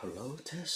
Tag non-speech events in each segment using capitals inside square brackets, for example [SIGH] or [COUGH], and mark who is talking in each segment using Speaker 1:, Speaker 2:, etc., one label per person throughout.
Speaker 1: Hello Tess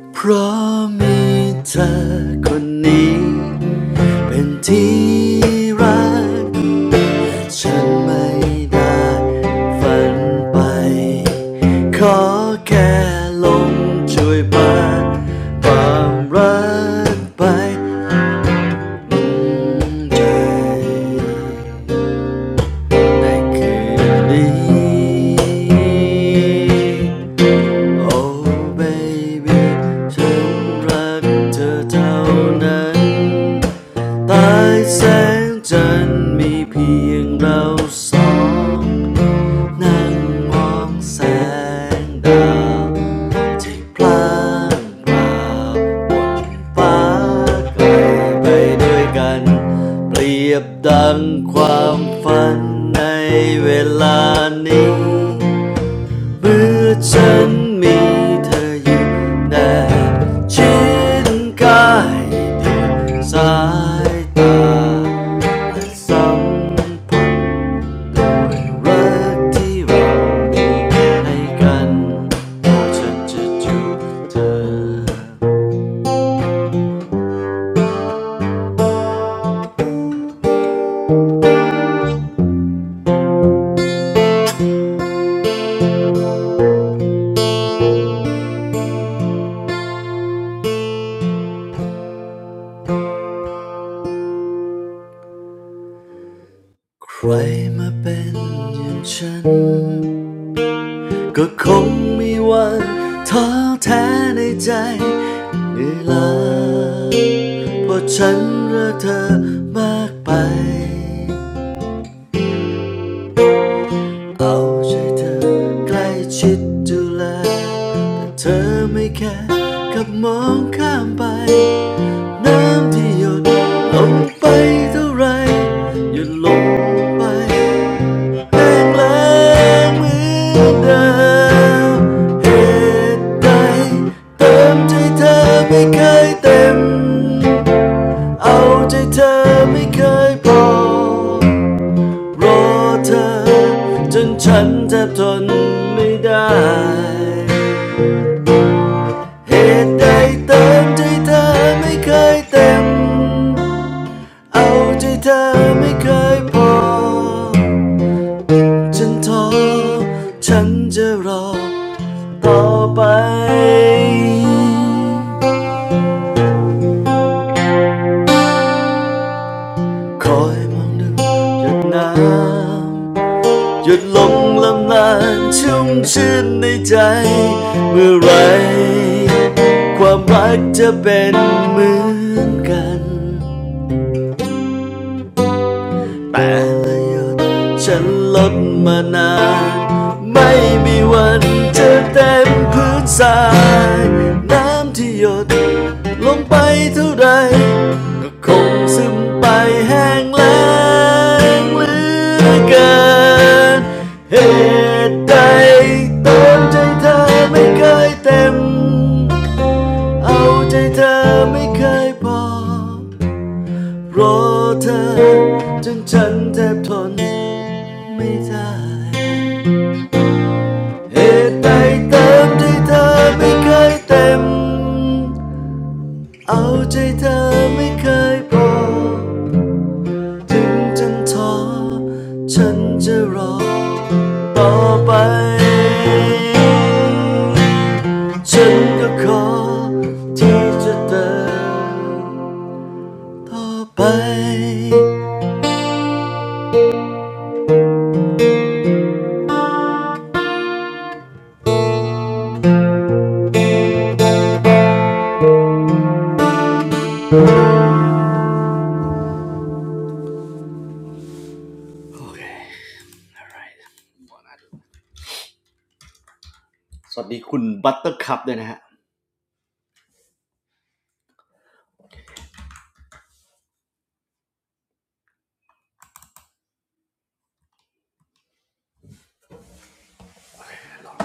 Speaker 1: สวัสดีคุณเอกด้วยนะฮะโอเคเพราะมีเธอคนนี้เป็นที่รักฉันไม่ได้ฝันไปขอแค่ลงช่วยพาความรักไปใจในคืนนี้ Oh baby, I love you. The same. Under the same. Just me and you. Looking at the stars. In the sky. Flying away together. Blending the dream in this time. เมื่อฉันมีเธออยู่แนบชิดกายเดียวสายตาสัมผัสรักที่เรามีให้กันฉันจะจูบเธอใครมาเป็นอย่างฉัน ก็คงมีวันท้อแท้ในใจเหนื่อยล้าเพราะฉันรักเธอมากไปเอาใจเธอใกล้ชิดดูแลแต่เธอไม่แค่กับมองข้ามไปน้ำที่หยดลงไปเท่าไรหยดลงไป ไม่เคยเต็มเอาใจเธอไม่เคยพอรอเธอเหตุใดเติมใจเธอไม่เคยเต็มเอาใจเธอไม่เคยพอ ฉันท้อฉันจะรอต่อไปคอยมองดูหยดน้ำหยดลงลำนานชุ่มชื่นในใจ เมื่อไหรความรักจะเป็นเหมือนกัน แต่หยุดฉันลดมานาน รอเธอจนฉันแทบทนไม่ได้เหตุใดเติมใจเธอไม่เคยเต็ม เพลงนี้มา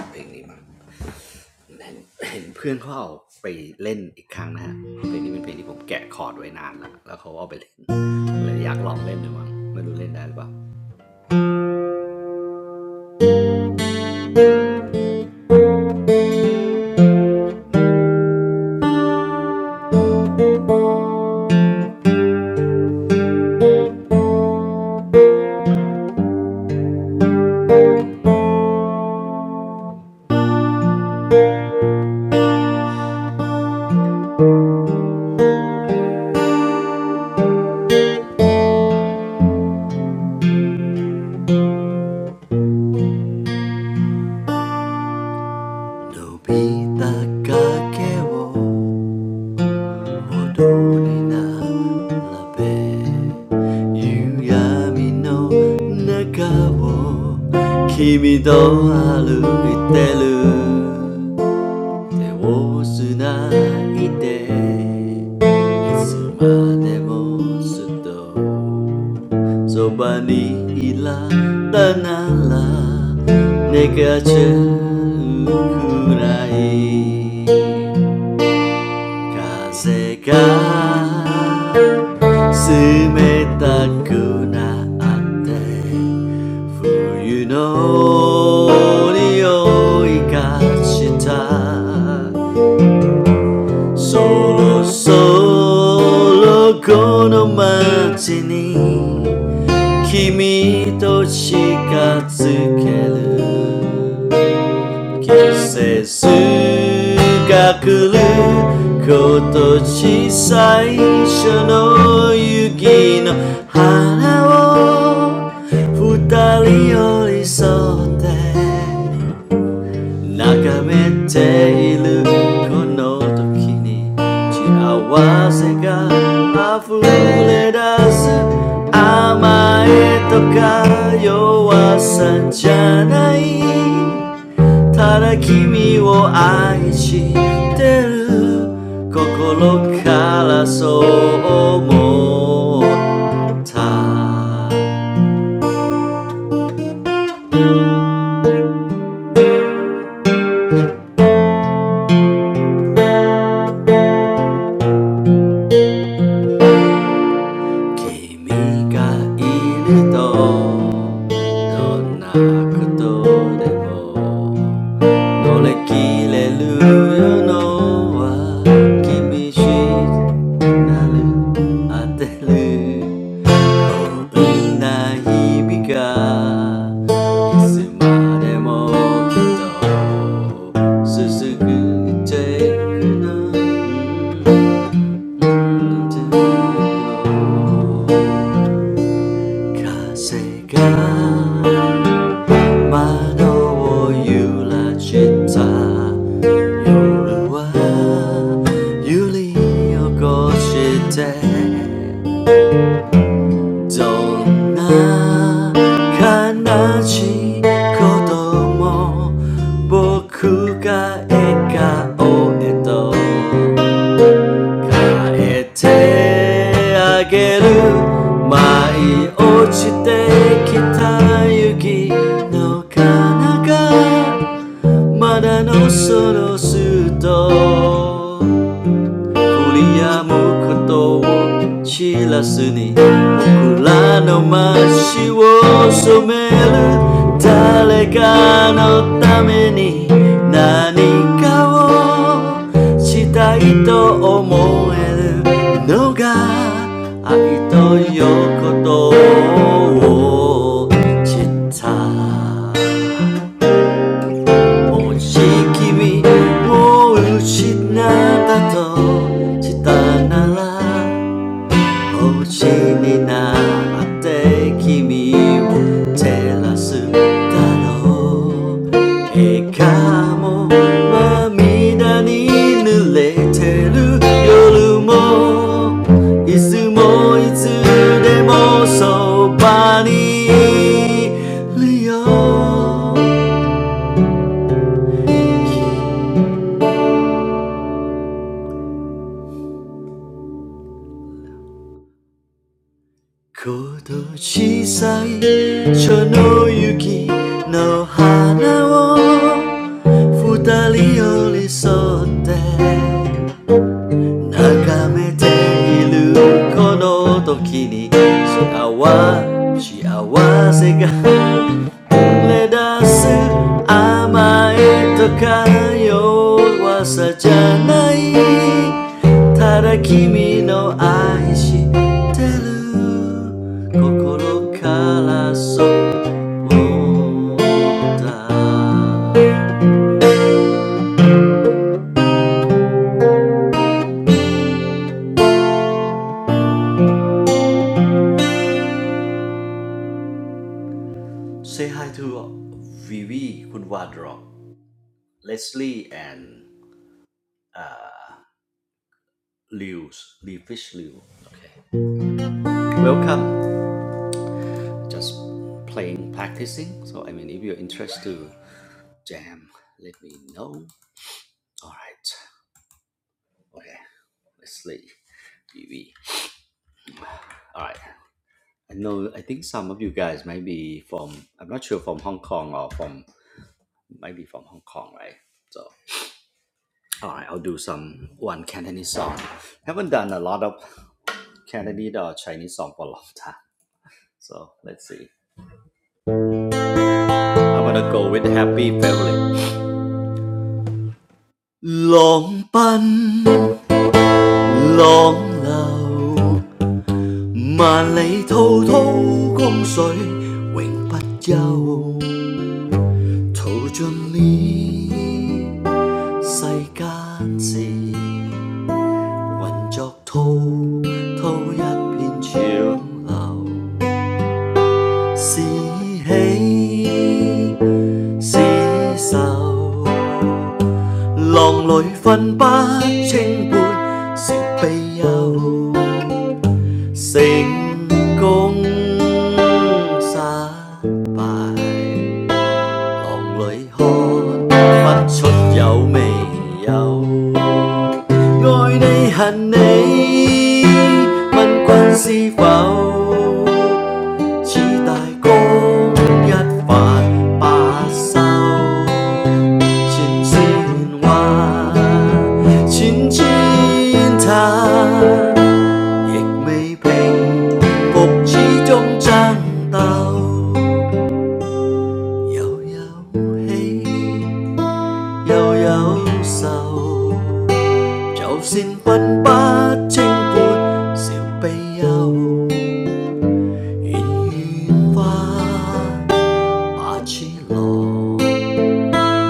Speaker 1: 手をつないでいつまでもずっとそばにいられたなら願っちゃうくらい風が冷たくなって冬の匂いがした Solo, soloこの街に君と近づける季節が来る今年最初の雪の花を二人寄り添って 眺めているこの時に幸せが溢れ出す甘えとか弱さじゃないただ君を愛してる心からそう思った君がいるとどんなことでも乗り切れるのは君しなる当てるこんな日々がいつまでもきっと続くていくの Kasega, mado yo yura shita, yoru wa yuri o koshite, dona kanachi koto mo, boku ga eka oedo. Gather. 구리야무 크또 실라스니 쿨라노 마시오 소메라 달레가 노 타메니 나니카오 시타이 또 오모에르 노가 아이 또 요코토 치타 君を失ったとしたなら星になって君を照らすだろう笑顔も涙に濡れてる夜もいつもいつでもそばにいるよ今年最初の雪の花を二人寄り添って高めているこの時に幸せが溢れ出す甘えとか弱さじゃないただ君の愛してる心からそうだ Say hi to Vivie, Kondwadro, Leslie, and. uh, Liu's, Li Fish Liu. Okay. Welcome. Just playing, practicing. So I mean, if you're interested to jam, let me know. All right. Okay. Let's see. BB. All right. I know. I think some of you guys might be from. I'm not sure from Hong Kong or from. Might be from Hong Kong, right? So. All right. I'll do some one Cantonese song. Haven't done a lot of Cantonese or Chinese song for a long [LAUGHS] time. So let's see. I wanna go with the happy family. Long 奔, long 流,万里滔滔江水永不休。淘尽了世间事，混作滔滔一片长流，是喜。寫愁，狼來分不清歡笑悲憂，成功失敗。lòng si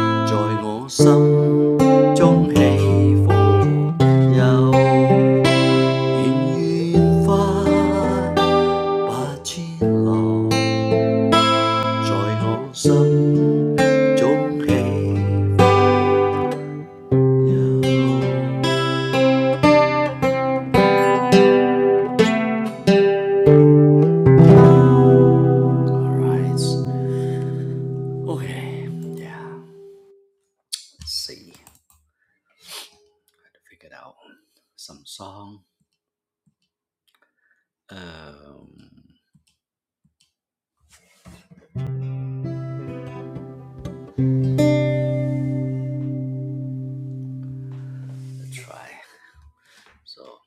Speaker 1: 悠悠喜，又有愁，就算分不清歡笑悲憂，願願花把痴郎在我心中起伏悠，願願花把痴郎在我心中起伏悠。Alright. Okay. Yeah. Let's see. Gotta figure out some song. Um. Let's try. So.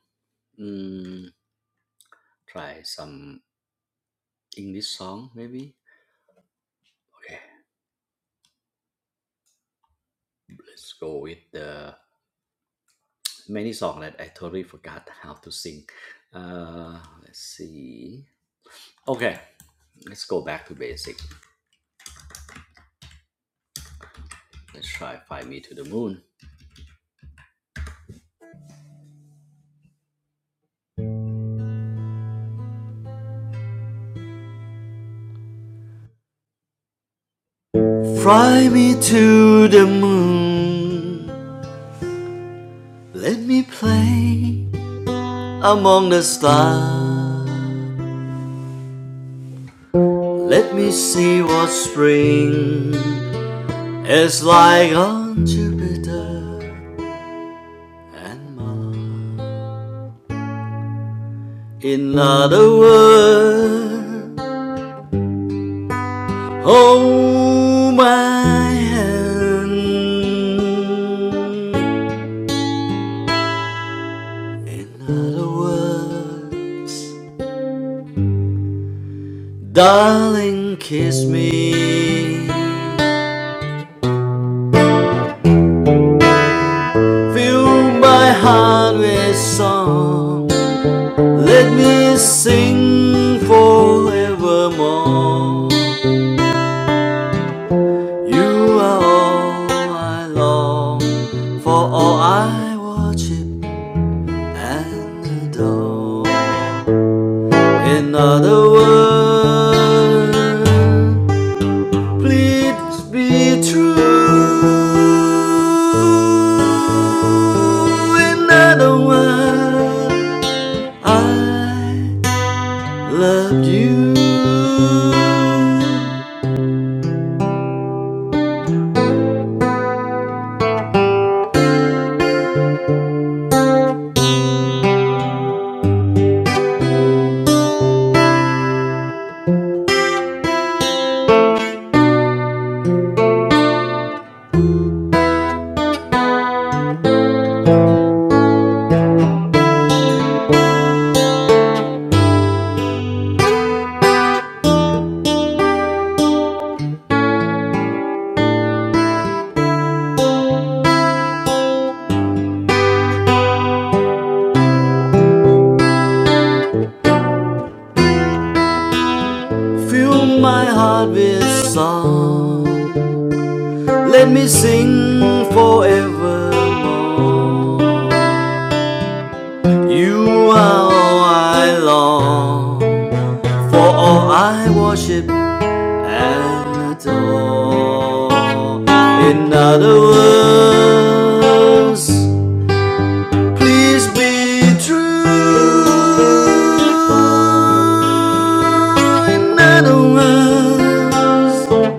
Speaker 1: Mm, try some English song maybe. Okay. Let's go with the many song that I totally forgot how to sing. Uh. Let's see. Okay. Let's go back to basic. Let's try Fly Me to the Moon. Fly me to the moon. Let me play among the stars. Let me see what spring is like on Jupiter and Mars. In other words, hold my hand. In other words, darling, kiss me. Fill my heart with song Let me sing forevermore. You are all I long for, all I worship and adore. In other words, please be true. In other words, I Let you fill my heart with song. Let me sing forevermore. You are all I long for, all I worship and adore. In other words, Please be true. In other words,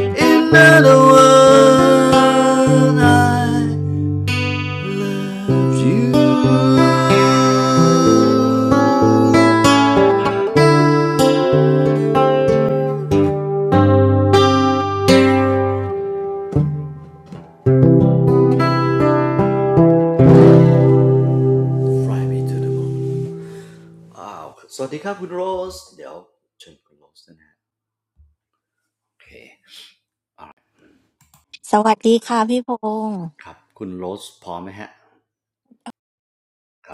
Speaker 1: in other words, I loved you. Fry me to the bone. อ้าวสวัสดีครับคุณโรสเดี๋ยวเชิญคุณโรสนะฮะโอเคครับ คุณโรสพร้อมไหมฮะ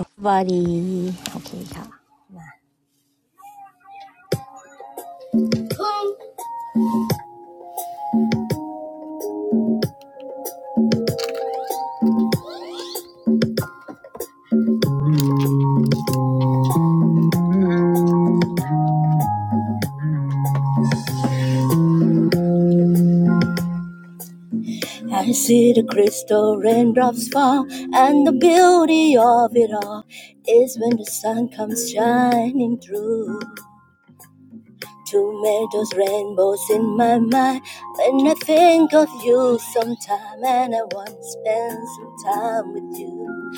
Speaker 2: สวัสดีค่ะพี่พงศ์บอดีโอเคค่ะ I see the crystal raindrops fall, and the beauty of it all is when the sun comes shining through. To make those rainbows in my mind when I think of you sometime, and I want to spend some time with you.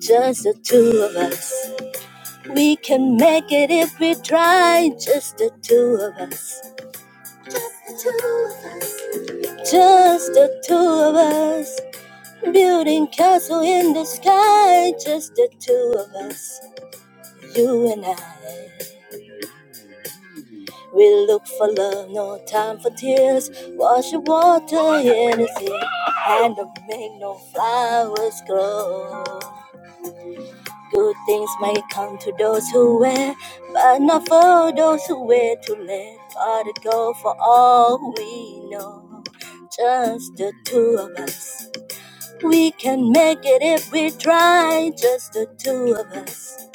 Speaker 2: Just the two of us. We can make it if we try, just the two of us. the two of us. Just the two of us, building castle in the sky. Just the two of us, you and I. We look for love, no time for tears. Wash the water in his ear, and don't make no flowers grow. Good things may come to those who wait, but not for those who wait too late. Gotta go for all we know, just the two of us. We can make it if we try, just the two of us.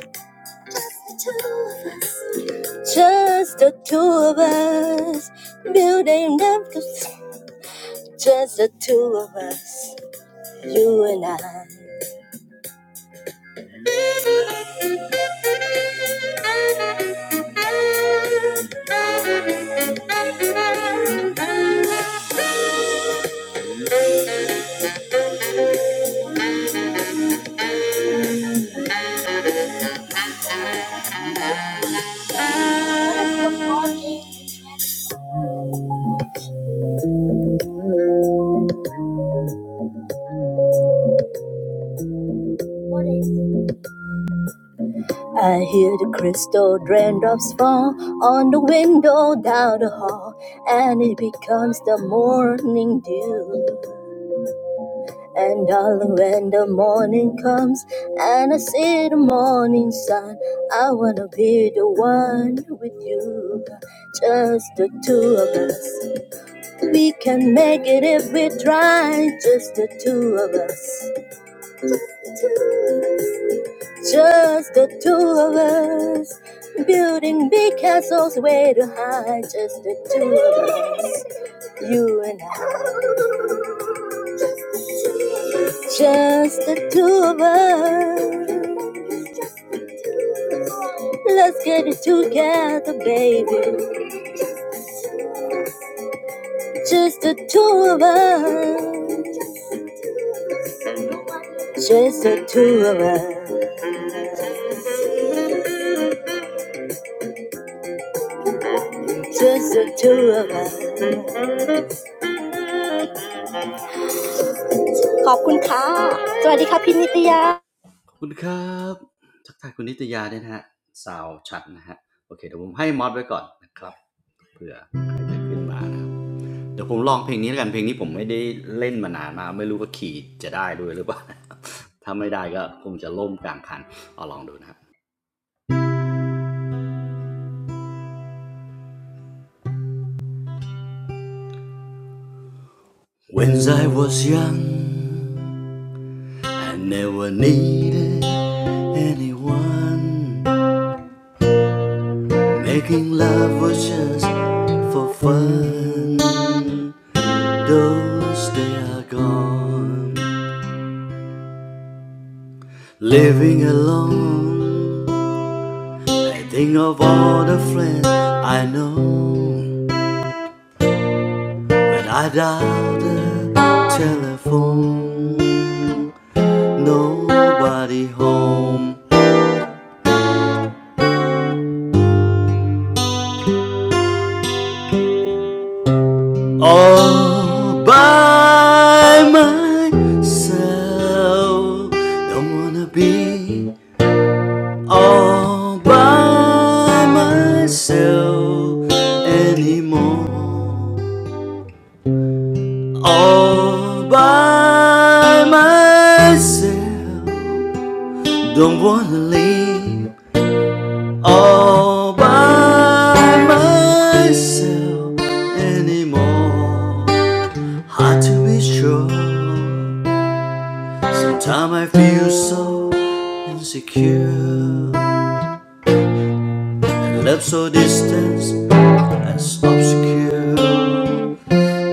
Speaker 2: Just the two of us. Building up, just the two of us. You and I. I hear the crystal raindrops fall on the window down the hall, and it becomes the morning dew. And darling, when the morning comes and I see the morning sun, I wanna be the one with you, just the two of us. We can make it if we try, just the two of us, just the two of us. Building big castles way too high, just the two of us, you and I, just the two of us. Let's get it together, baby. Just the two of us. Just the two of us. Just the two of us. ขอบคุณค่ะสวัสดีค่ะพี่นิตยา
Speaker 1: คุณครับทักทายคุณนิตยาด้วยนะฮะสาวชัดนะฮะโอเคเดี๋ยวผมให้มอดไว้ก่อนนะครับเผื่อใครจะขึ้นมานะครับเดี๋ยวผมลองเพลงนี้แล้วกันเพลงนี้ผมไม่ได้เล่นมานานมากไม่รู้ว่าขี่จะได้ด้วยหรือเปล่านะครับถ้าไม่ได้ก็คงจะล่มกลางคันเอาลองดูนะครับ When I was young, I never needed anyone. Making love was just for fun. Those days are gone, living alone. I think of all the friends I know. When I dial the telephone, nobody home. All by myself, don't wanna be all by myself anymore. All by myself, don't wanna leave. All by myself anymore. Hard to be sure. Sometimes I feel so insecure. And Left so distant and obscure,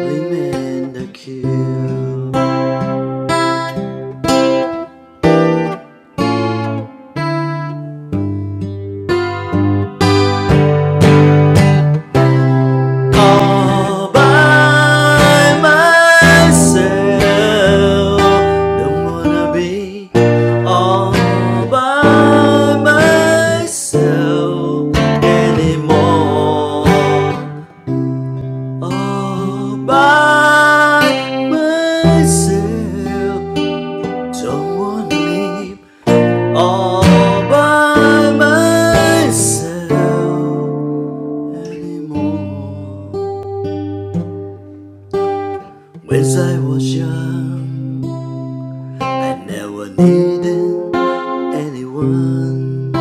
Speaker 1: remain the cure. All by myself, don't wanna be all by myself anymore. All by myself, don't wanna leave. all by myself anymore. When I was young, I never needed anyone.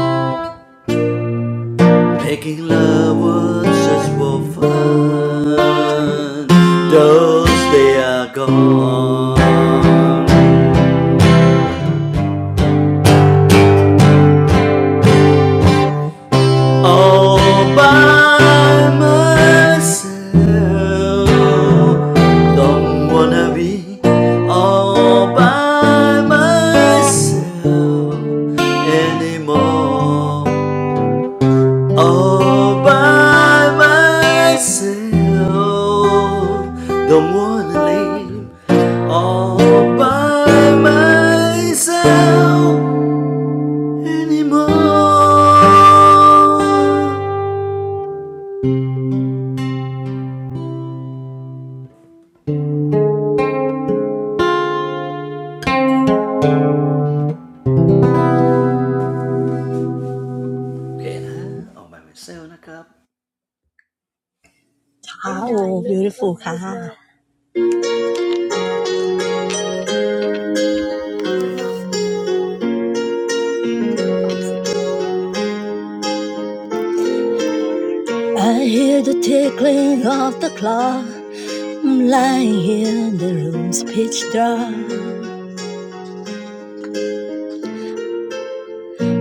Speaker 1: Making love was just for fun. Those days are gone. all by myself. Don't wanna be all by myself anymore. All by myself. Don't wanna live all by myself anymore.
Speaker 2: How
Speaker 1: โอเคนะออกแบบเป็นเซลล์นะครับนะฮะขอบคุณครับ
Speaker 2: beautiful ค่ะ I hear the tickling of the clock I'm lying here in the room's pitch dark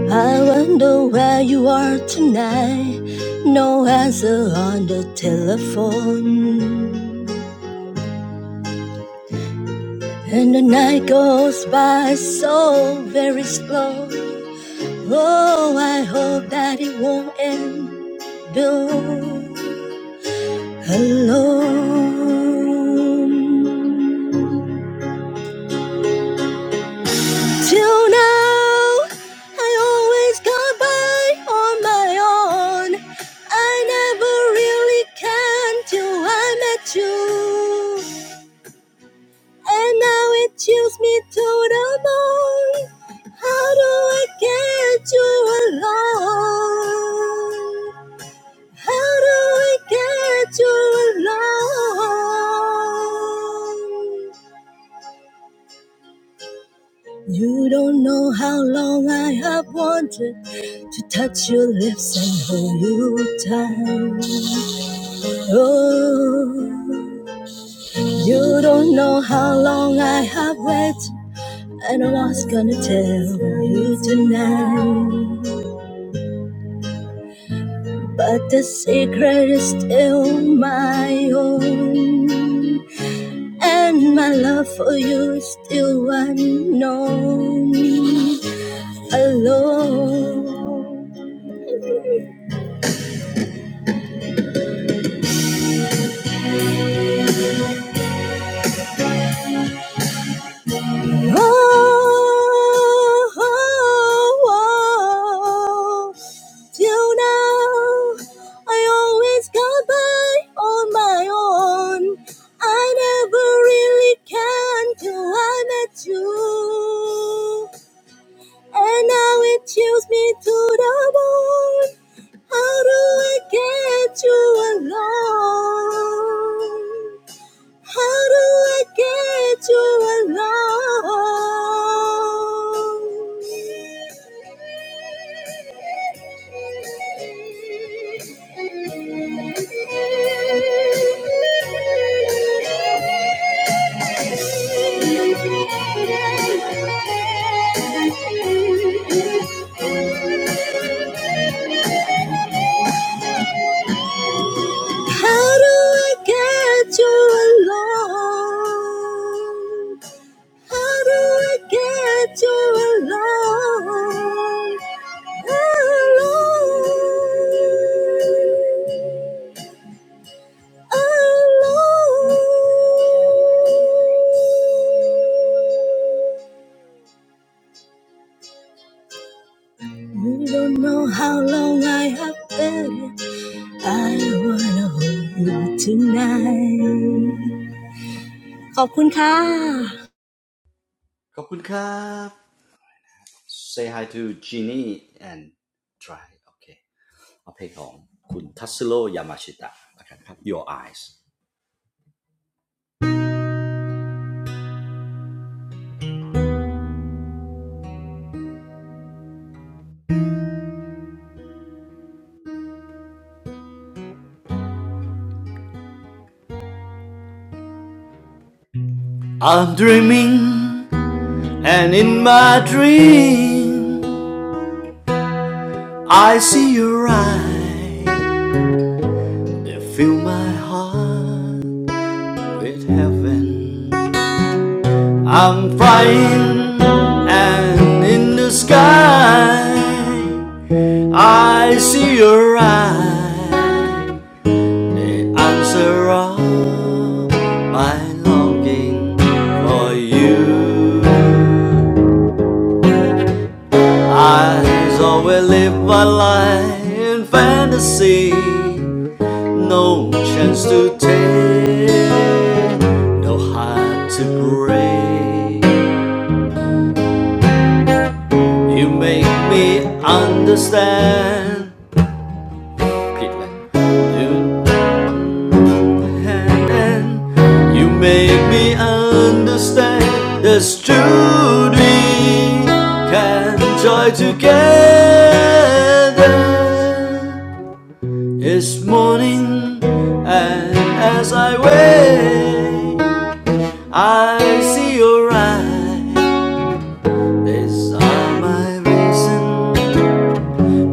Speaker 2: I wonder where you are tonight No answer on the telephone And the night goes by so very slow. Oh, I hope that it won't end alone. Alone. Till now, I always got by on my own. I never really can till I met you. And now it chills me to the bone. How do I get you alone? How do I get you alone? You don't know how long I have wanted to touch your lips and hold you tight. Oh, you don't know how long I have waited And I was gonna tell you tonight, but the secret is still my own. And my love for you is still unknown. Alone. Oh, oh, oh. Till now, I always got by on my own. I never really can till I met you. And now it chills me to the bone. How do I get you alone? How do I get you alone? How do I get you alone? How do I get you alone? alone, alone. You don't know how long I have been. I wanna hold you tonight. ขอบคุณค่ะ
Speaker 1: Say hi to Genie and try โอเคเอาเพลงของคุณทัสโ o ยามาชิตะนะครับ Your Eyes I'm dreaming and in my dream I see your eyes They fill my heart with heaven I'm flying and in the sky I see your eyes, they answer all my longing for you. I always live my life in fantasy, no chance to take, no heart to break. You make me understand ผิดเลย You hand You make me understand this true We Can joy together It's morning and as I wake I see your eyes These are my reason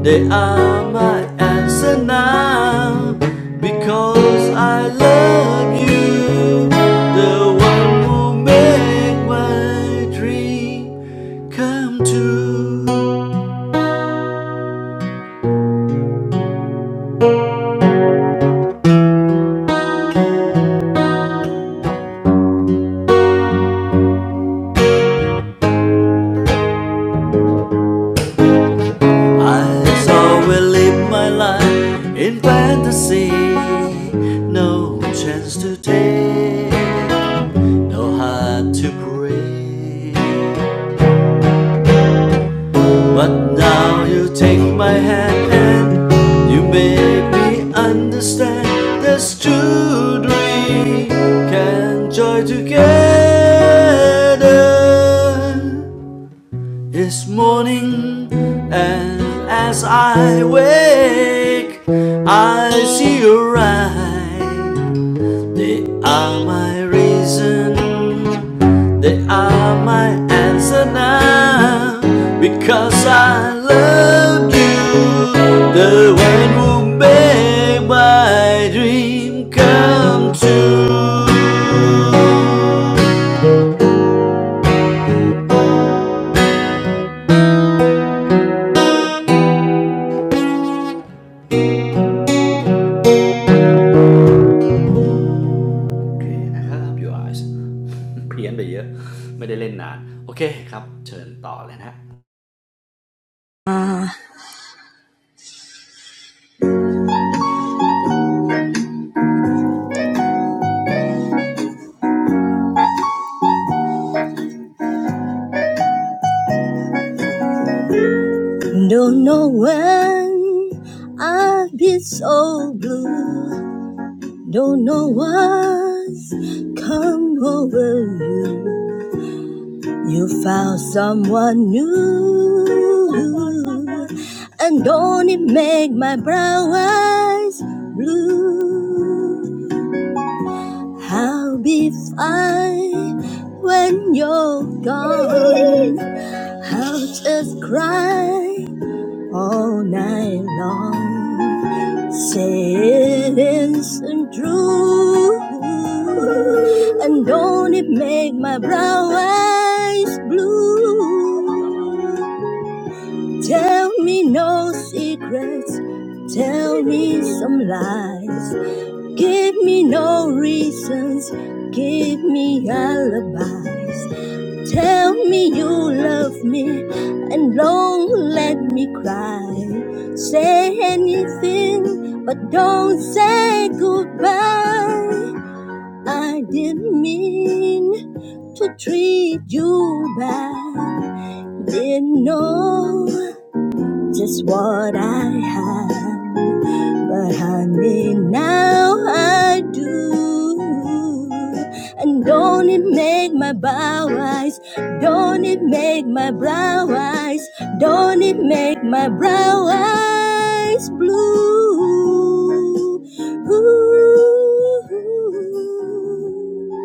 Speaker 1: they are my answer now because I love you, the one who made my dream come true. I always live my life in fantasy, no chance to take, no heart to break. But now you take my hand and you make me understand there's true dream can joy together. It's morning and as I wake I see you rise they are my reason, they are my answer now. Because I love you, the one who made my dream come true. Okay, โอเคนะครับ your eyes [LAUGHS] เพี้ยนไปเยอะไม่ได้เล่นนานโอเคครับเชิญต่อเลยนะฮะครับ
Speaker 2: I don't know when I've been so blue. Don't know what's come over you. You found someone new, and don't it make my brown eyes blue? I'll be fine when you're gone. I'll just cry all night long. Silence and true, and don't it make my brown eyes blue? Tell me no secrets, tell me some lies. Give me no reasons, give me alibis. Tell me you love me and don't let me cry. Say anything, but don't say goodbye. I didn't mean to treat you bad. Didn't know just what I had. But honey, now I do. And don't it make my bow eyes, don't it make my brow eyes, don't it make my brow eyes blue. Ooh.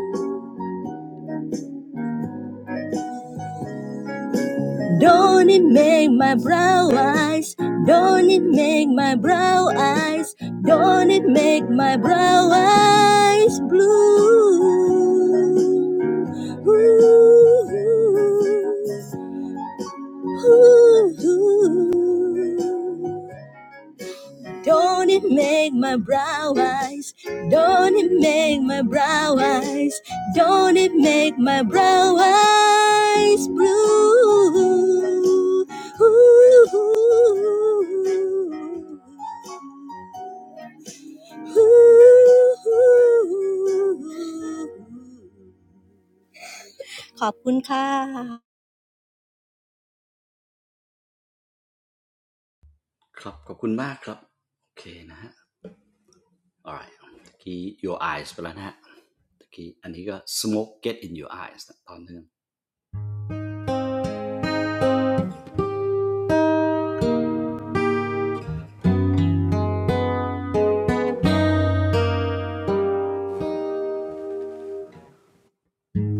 Speaker 2: Don't it make my brown eyes? Don't it make my brown eyes? Don't it make my brown eyes blue? Ooh, ooh, ooh. Don't it make my brow eyes? Don't it make my brow eyes? Don't it make my brow eyes blue? Ooh ooh ooh blue?ขอบคุณค่ะ
Speaker 1: ขอบคุณมากครับโอเคนะฮะ All right. ตะกี้ your eyes ไปแล้วนะฮะตะกี้อันนี้ก็ smoke get in your eyes นะตอนนึง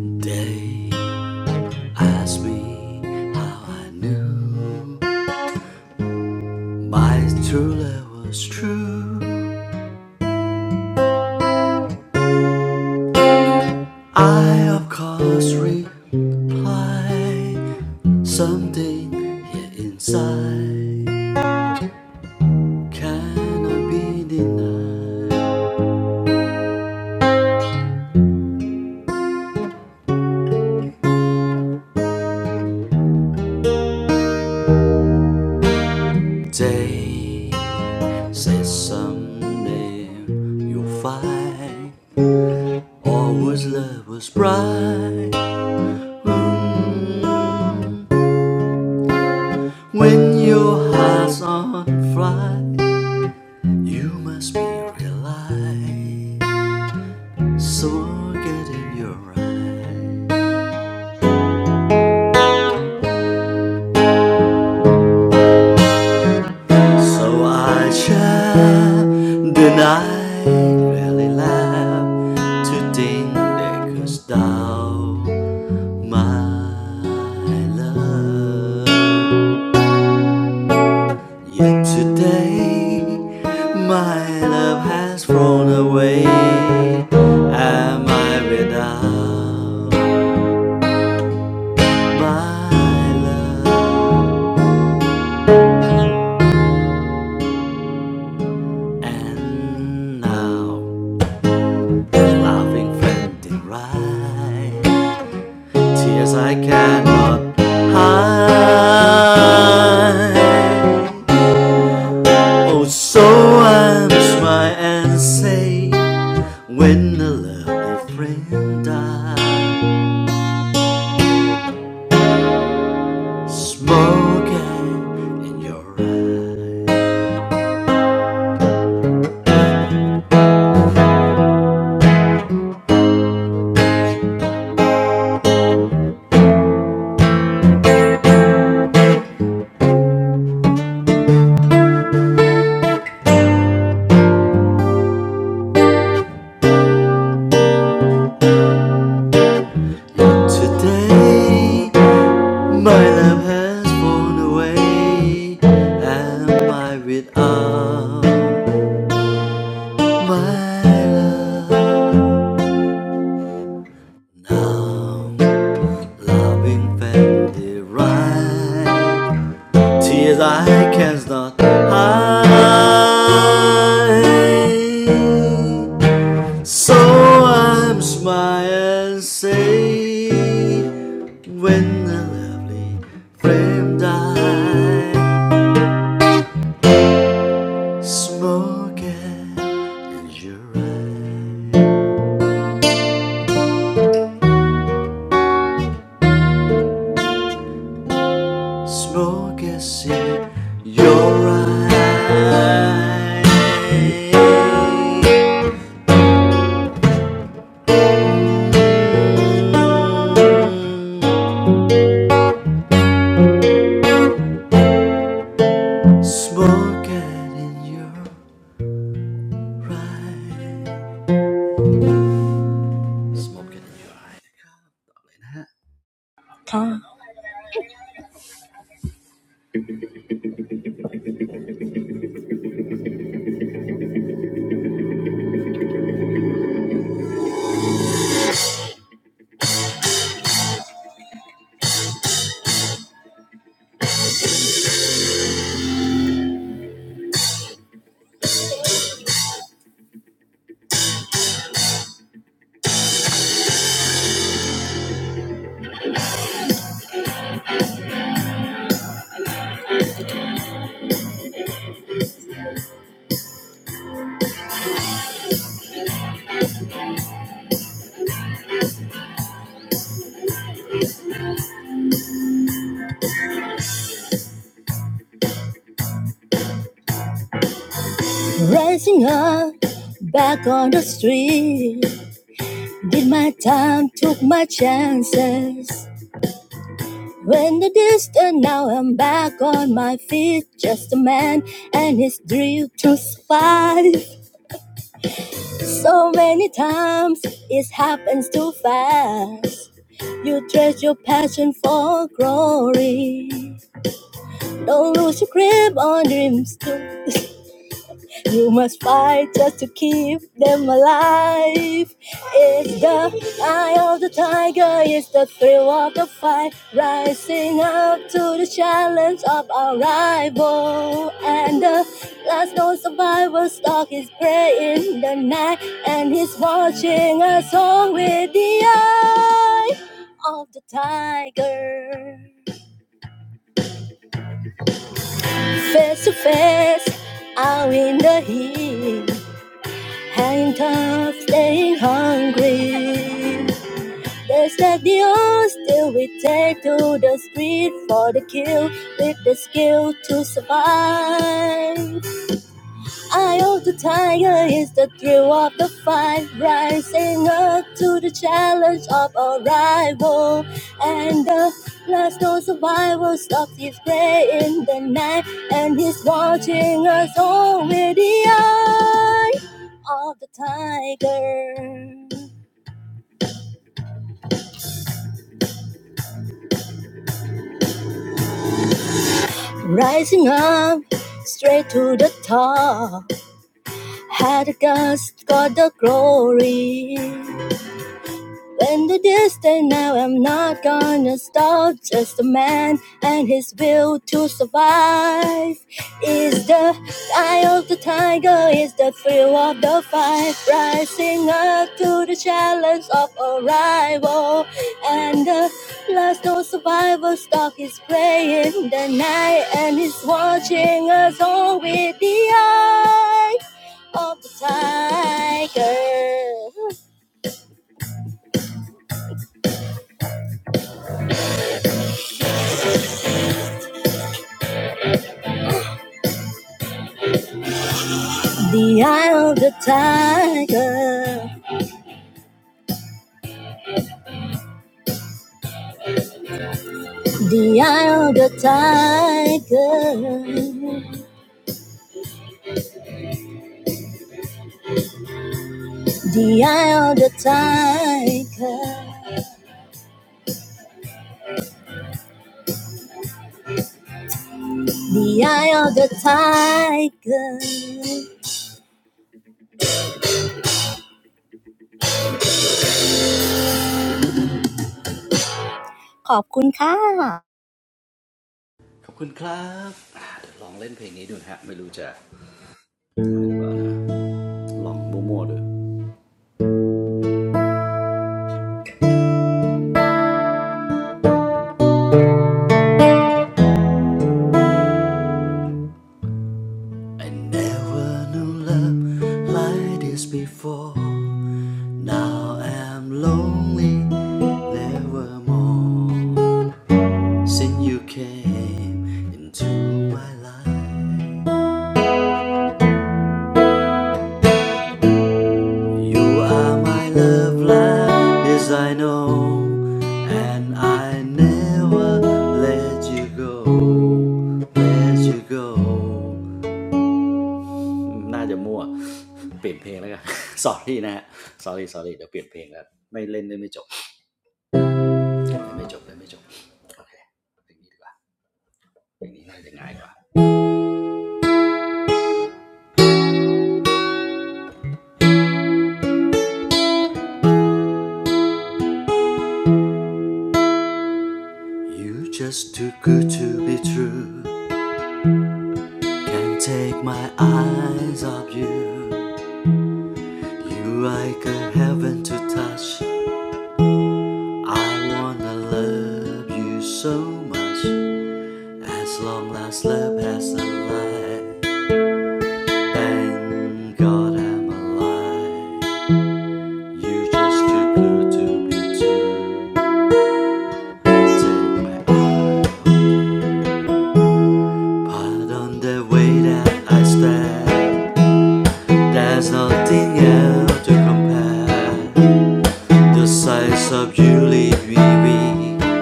Speaker 1: They asked me how I knew my true love was true. I of course replied. something here inside cannot be denied. They said someday you'll find Always love was bright mm. when your heart's on fire. You must be realized, so get in your eyes. So I shall deny, really laugh to think that cause thou my love. Yet today, my love has flown away. Am I without my love? And now, laughing, friendly, right? Tears I cannot hide. Oh, so I'm smile and say when the lovely friend dies. Smoking in your eyes. Today, my lamp has flown away. Am I without my love? Now, loving Fendi right. Tears I cannot hide. So I'm smile and say when the lovely flame dies, Smoke in your eye Smoke is in your eye Smoke it in your eye Smoke it in your eye
Speaker 2: Rising up back on the street, did my time, took my chances. When the distance, now I'm back on my feet, just a man and his drill to survive. So many times it happens too fast. You trade your passion for glory. Don't lose your grip on dreams too You must fight just to keep them alive. It's the eye of the tiger, it's the thrill of the fight, rising up to the challenge of our rival. And the last known survivor stalks his prey in the night, and he's watching us all with the eye of the tiger. Face to face, out in the heat. Hanging tough, staying hungry. There's like the odds still we take to the street for the kill with the skill to survive. Eye of the tiger is the thrill of the fight, rising up to the challenge of a rival. And the last known survivor stops his prey in the night, and he's watching us all with the eye of the tiger. Rising up straight to the top, had the gust got the glory. When the distance now, I'm not gonna stop. Just a man and his will to survive. Is the eye of the tiger, is the thrill of the fight. Rising up to the challenge of arrival. And the last known survivor stock is praying the night and he's watching us all with the eye of the tiger. The eye of the tiger, the eye of the tiger, the eye of the tiger, the eye of the tiger. ขอบคุณค่ะ
Speaker 1: ขอบคุณครับอ่าเดี๋ยวลองเล่นเพลงนี้ดูนะฮะ I never knew love like this before Now I'm lonely nevermore Since you came into my life You are my love like this I know, and I never let you go, let you go, น่าจะมั่ว [LAUGHS] sorry นะฮะ sorry sorry เดี๋ยวเปลี่ยนเพลงแล้ว You just too good to be true Can't take my eyes off you You like a heaven to touch I wanna love you so much As long as love has a light Thank God I'm alive You just too good to be true. Take my part on the way that I stand. There's nothing else to compare. The size of you leave me weak.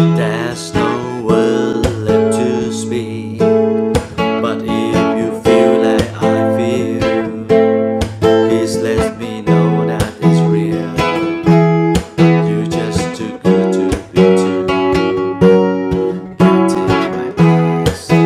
Speaker 1: There's no word left to speak. But if you feel like I feel, please let me know that it's real. You just too good to be true. take my eyes.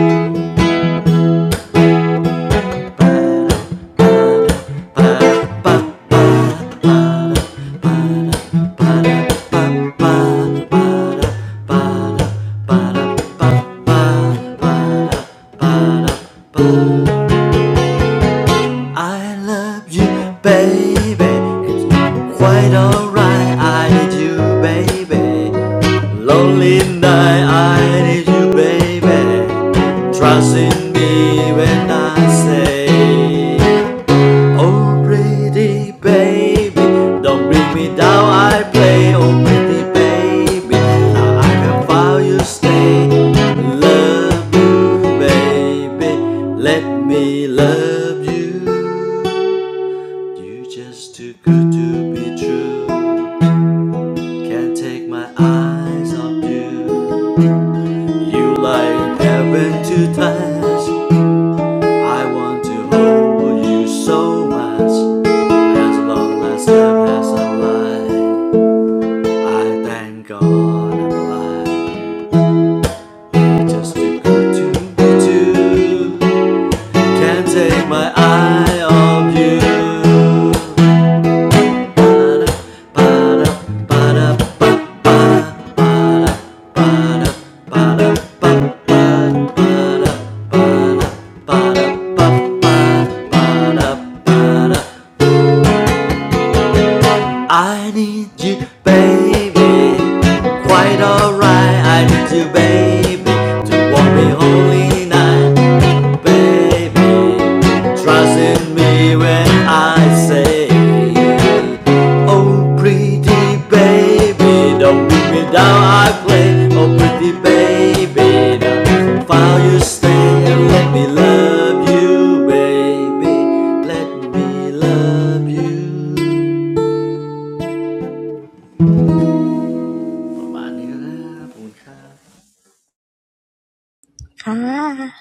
Speaker 1: I love you, baby. It's quite alright. I need you, baby. Lonely night. I need you, baby. Trust in me when I say. Oh pretty baby, don't bring me down. I play. Oh pretty baby, now I can feel you stay. Love you, baby. Let me love you. You're just too good to be true. Can't take my eyes off you. You like heaven to touch. I want to hold you so much as long as time has alive. I thank God I'm alive. Just too good to be true. Can't take my eye off you. Ba-da, ba-da, ba-da, ba-da, ba-da, ba-da, ba-da, ba-da, ba-da, ba-da, ba-da, ba-da, ba-da. I need you, baby. Quite alright. I need you, baby, to walk me holy night, baby. Trust in me when I say, Oh, pretty baby, don't beat me down. I play. Oh, pretty baby, now file you stay and let me love you, baby. Let me love you. มาเนื้อขอบคุณครับขอบคุณครับกลับไปที่ผมนะครับ
Speaker 2: ค่ะ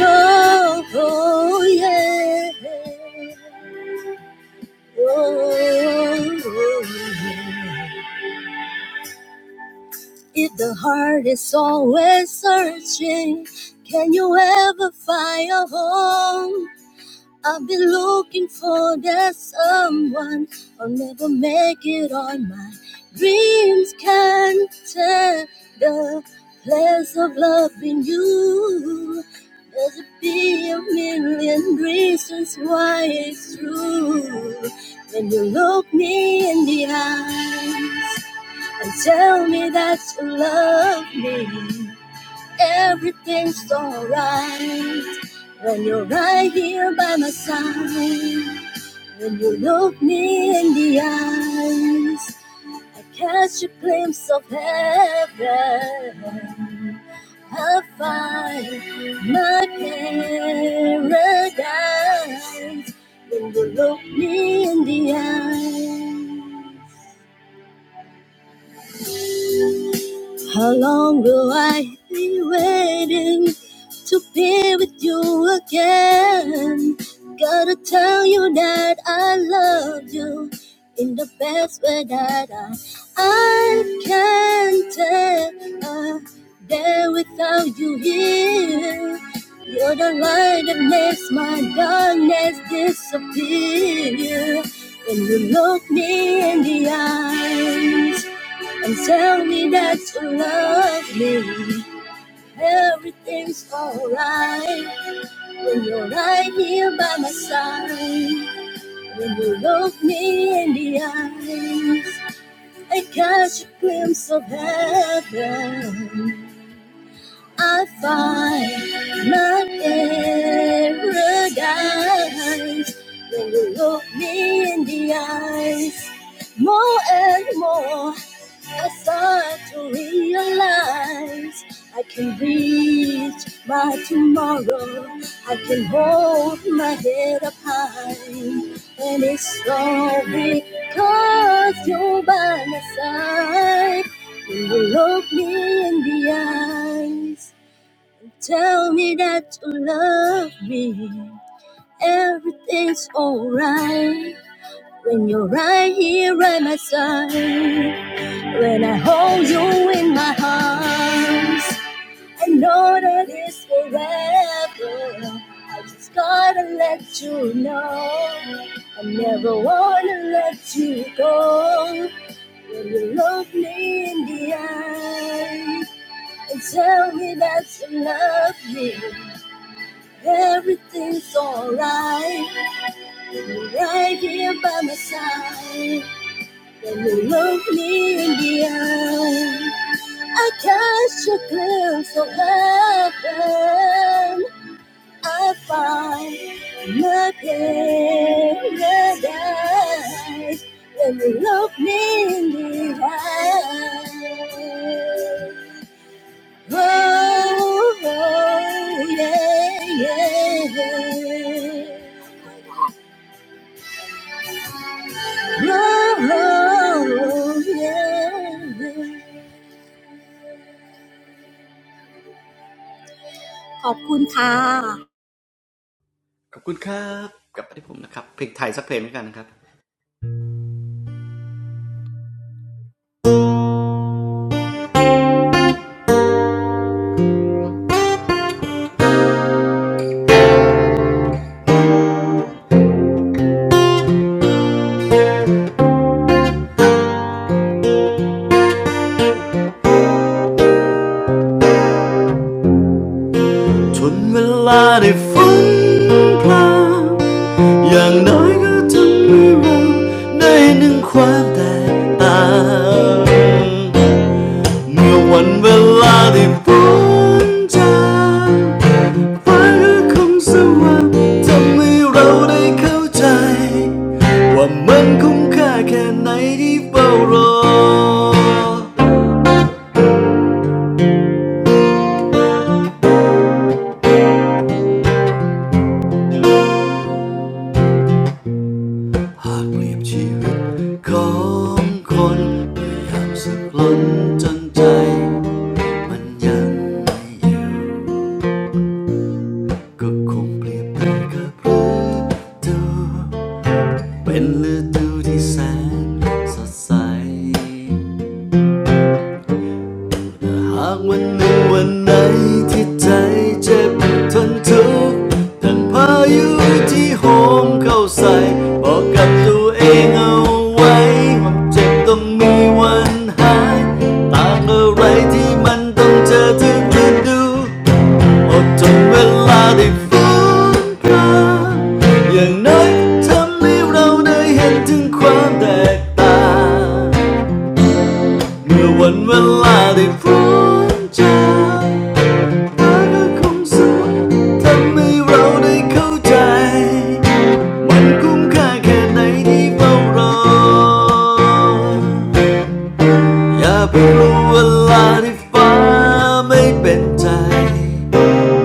Speaker 2: Oh, oh, yeah. Oh, oh, yeah. If the heart is always searching, can you ever find a home? I've been looking for that someone. I'll never make it on my dreams can not take the place of loving you. There's a be a million reasons why it's true. When you look me in the eyes and tell me that you love me. Everything's alright when you're right here by my side. When you look me in the eyes, I catch a glimpse of heaven. I find my paradise when you look me in the eyes. How long will I be waiting to be with you again? Gotta tell you that I love you in the best way that I, I can tell. I'm There without you here, you're the light that makes my darkness disappear. When you look me in the eyes and tell me that you love me. Everything's alright when you're right here by my side. When you look me in the eyes, I catch a glimpse of heaven. I find my paradise when you look me in the eyes more and more. I start to realize I can reach my tomorrow. I can hold my head up high. And it's all because you're by my side. You will look me in the eyes. and Tell me that you love me. Everything's alright when you're right here by my side. When I hold you in my arms, I know that it's forever. I just gotta let you know. I never wanna let you go. When you look me in the eye and tell me that you love me, everything's alright. You're right here by my side. When you look me in the eye. I catch a glimpse of heaven. I find my paradise when you look me in the eye. Oh, oh, yeah, yeah. Oh, oh, yeah. ขอบคุณค่ะค่ะ
Speaker 1: Ngày và giờ thì buồn chán, phải cứ không 奢望, chẳng mấy lâu để hiểu, ai cũng kha cạn, ai cũng kha cạn. เป็นฤดูที่แสนสดใสแต่หากวันหนึ่งวันไหนที่ใจเจ็บทนทุกข์ดังพายุที่โหมเข้าใส่ อดทนเวลาได้ฟ้อนพรางอย่างน้อยทำให้เราได้เห็นถึงความแตกต่างเมื่อวันเวลาได้พ้นจากเธอก็คงสวยทำให้เราได้เข้าใจ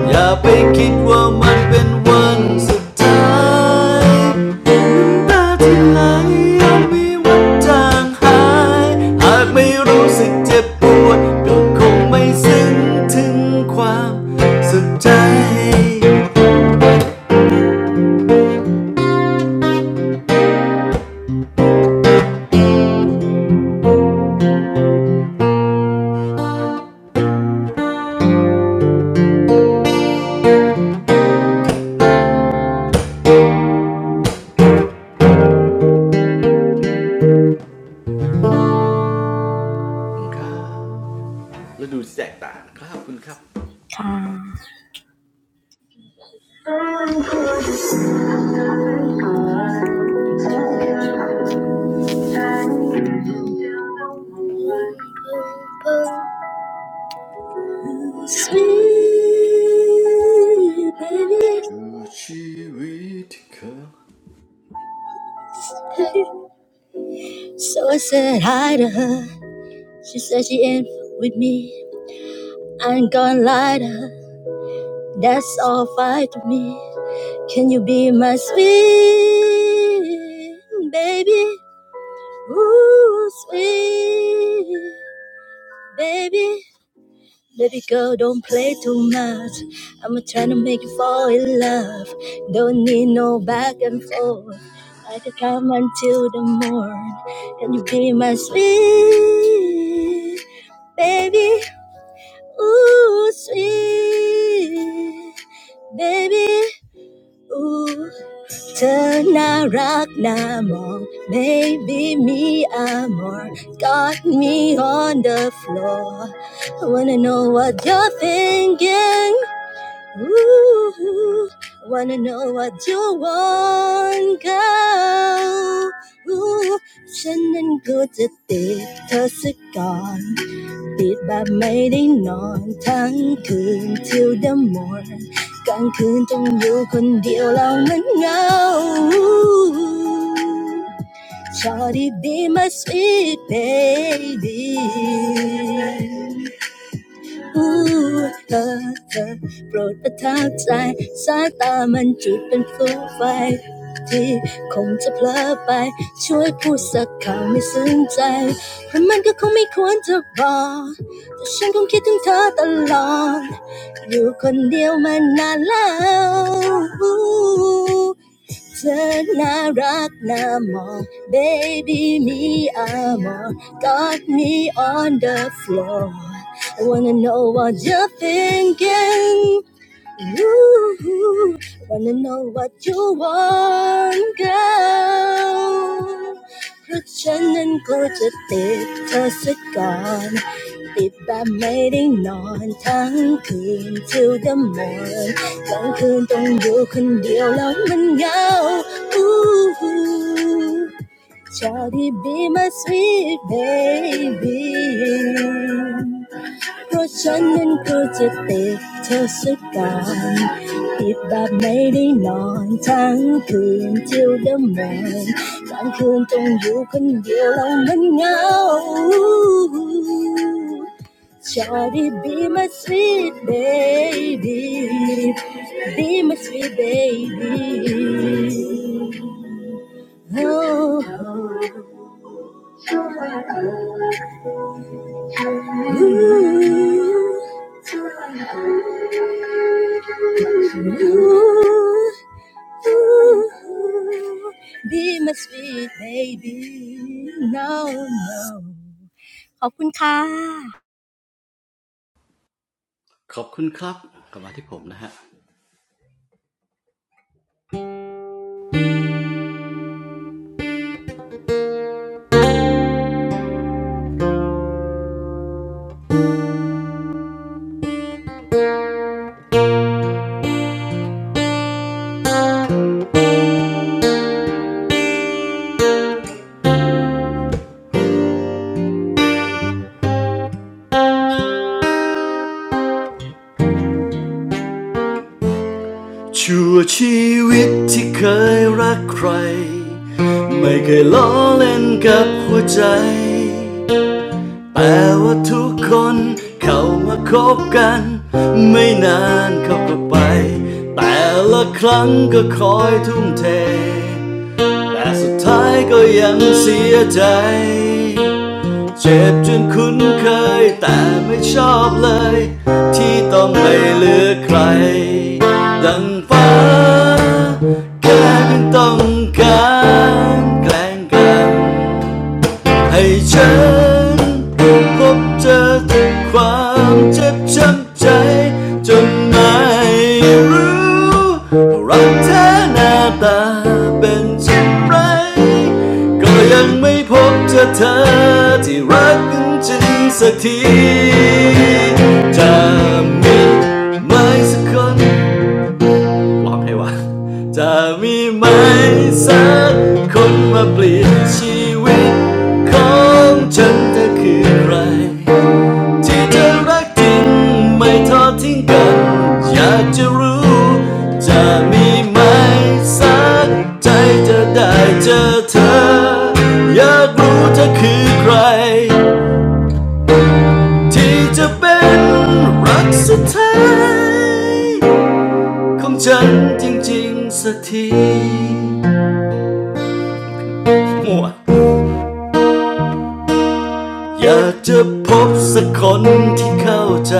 Speaker 1: อย่าไปคิดว่ามันเป็นวันสุดท้ายน้ำตาที่ไหลอาจมีวันจางหายหากไม่รู้สึกเจ็บปวดก็คงไม่ซึ้งถึงความสุดใจแล้วดูแตกต่างนะครับคุณครับดูชีวิตที่เคยขอบคุณครับกลับมาที่ผมนะฮะ
Speaker 2: Sweet baby. So I said hi to her. She said she ain't with me. I ain't gonna lie to her. That's all fine to me. Can you be my sweet baby? Ooh, sweet baby. Baby girl, don't play too much. I'm trying to make you fall in love. Don't need no back and forth. I could come until the morn. Can you be my sweet baby? Ooh, sweet baby. Ooh, tanarak namong, baby me amor, got me on the floor. I wanna know what you're thinking. Ooh, wanna know what you want, girl? Ooh, ฉันนั้นก็จะติดเธอสักก่อนติดแบบไม่ได้นอนทั้งคืน till the morn กลางคืนต้องอยู่คนเดียวแล้วมันเหงา Shawty be my sweet baby ผู้เธอเธอโปรดประทับใจสายตามันจุดเป็นฟูไฟที่คงจะเพลอไป เธอน่ารักน่ามอง baby me I'm on got me on the floor I wanna know what you're thinking you wanna know what you want, girl? 그렇지는 고집 뜯었을걸 빗밤매린 넌 당근 to the moon 넌그동 you can deal love and go Ooh, 저리 be my sweet baby Oh, Charlie, be my sweet baby, be my sweet baby. Oh, ooh, ooh. Ooh, be my sweet baby no no
Speaker 1: ชั่วชีวิตที่เคยรักใครไม่เคยล้อเล่นกับหัวใจ เจ็บจนคุ้นเคยแต่ไม่ชอบเลย ให้ฉันพบเจอแต่ความเจ็บช้ำใจจนไม่รู้รักเธอหน้าตาเป็นเช่นไรก็ยังไม่พบเจอเธอที่รักกันจริงสักที ร้องให้ว่า มั่วอยากจะพบสักคนที่เข้าใจ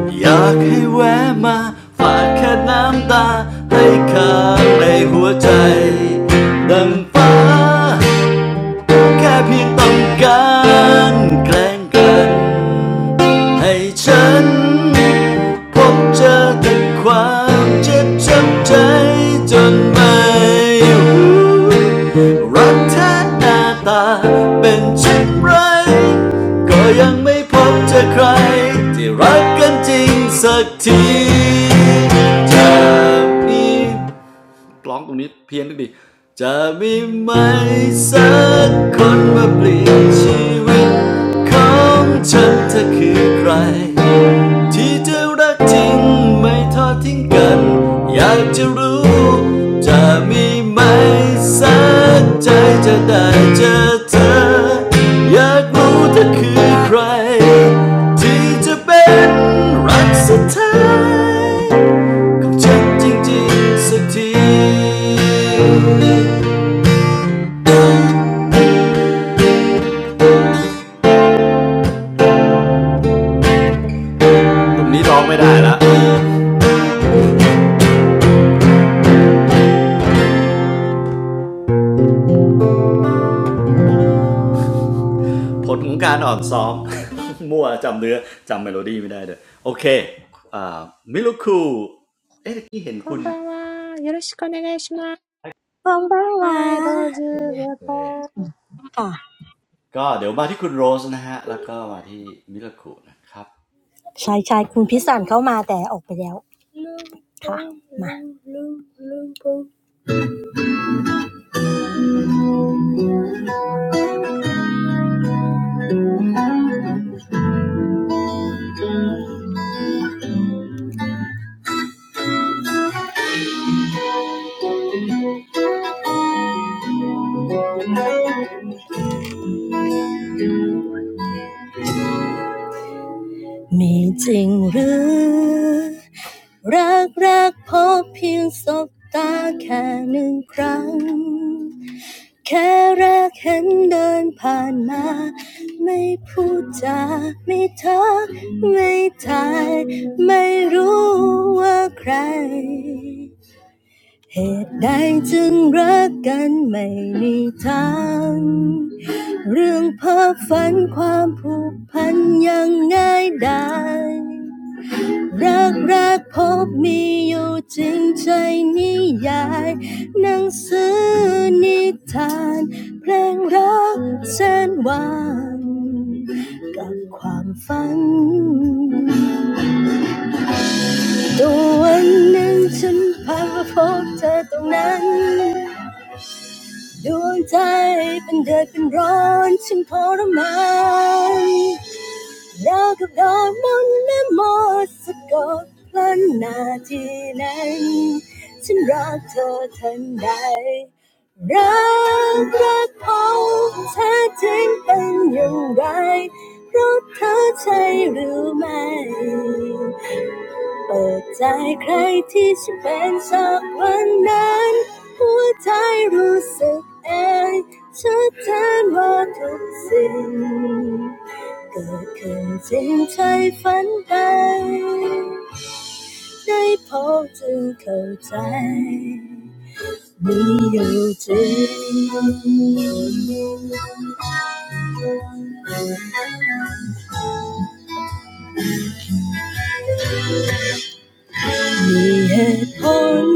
Speaker 1: Want to come back? Just a tear. Stay in my heart. Dangba. แค่เพียงต้องการแกล้งกัน ร้องตรงนี้เพี้ยนดิ กับฉันจริงๆสักทีตรงนี้ร้องไม่ได้ละผลของการอ่อนซ้อม [LAUGHS] มั่วจำเนื้อจำเมโลดี้ไม่ได้เลยโอเคอ่ามิลุคูเอ๊ะเมื่อกี้เห็นคุณเอ่อก็เดี๋ยวมาที่คุณโรสนะฮะ
Speaker 3: こんばんは。よろしくお願いします。はい、ローズ、ウェポン。
Speaker 2: ขอบคุณค่ะบ้างบ้างวะค่ะชายชายคุณพิสันเข้ามาแต่ออกไปแล้ว
Speaker 1: แล้วก็มาที่มิลุคูนะครับ
Speaker 2: ค่ะมามีจริงหรือรักรักพบเพียงสบตาแค่หนึ่งครั้ง แค่แรกเห็นเดินผ่านมา รักรักพบมีอยู่จริงใจนิยาย 너그걸 몰래 모습고 뻔나지는 심락터던 날รักรักพงษ์แท้จริงเป็นอย่างไรเพราะเธอใช่หรือไม่ เปิดใจใครที่ฉันเป็นสักวันนั้นหัวใจรู้สึกเองชัดเจนว่าทุกสิ่งเกิดขึ้นจริงใช่ฝันไป มีเหตุผล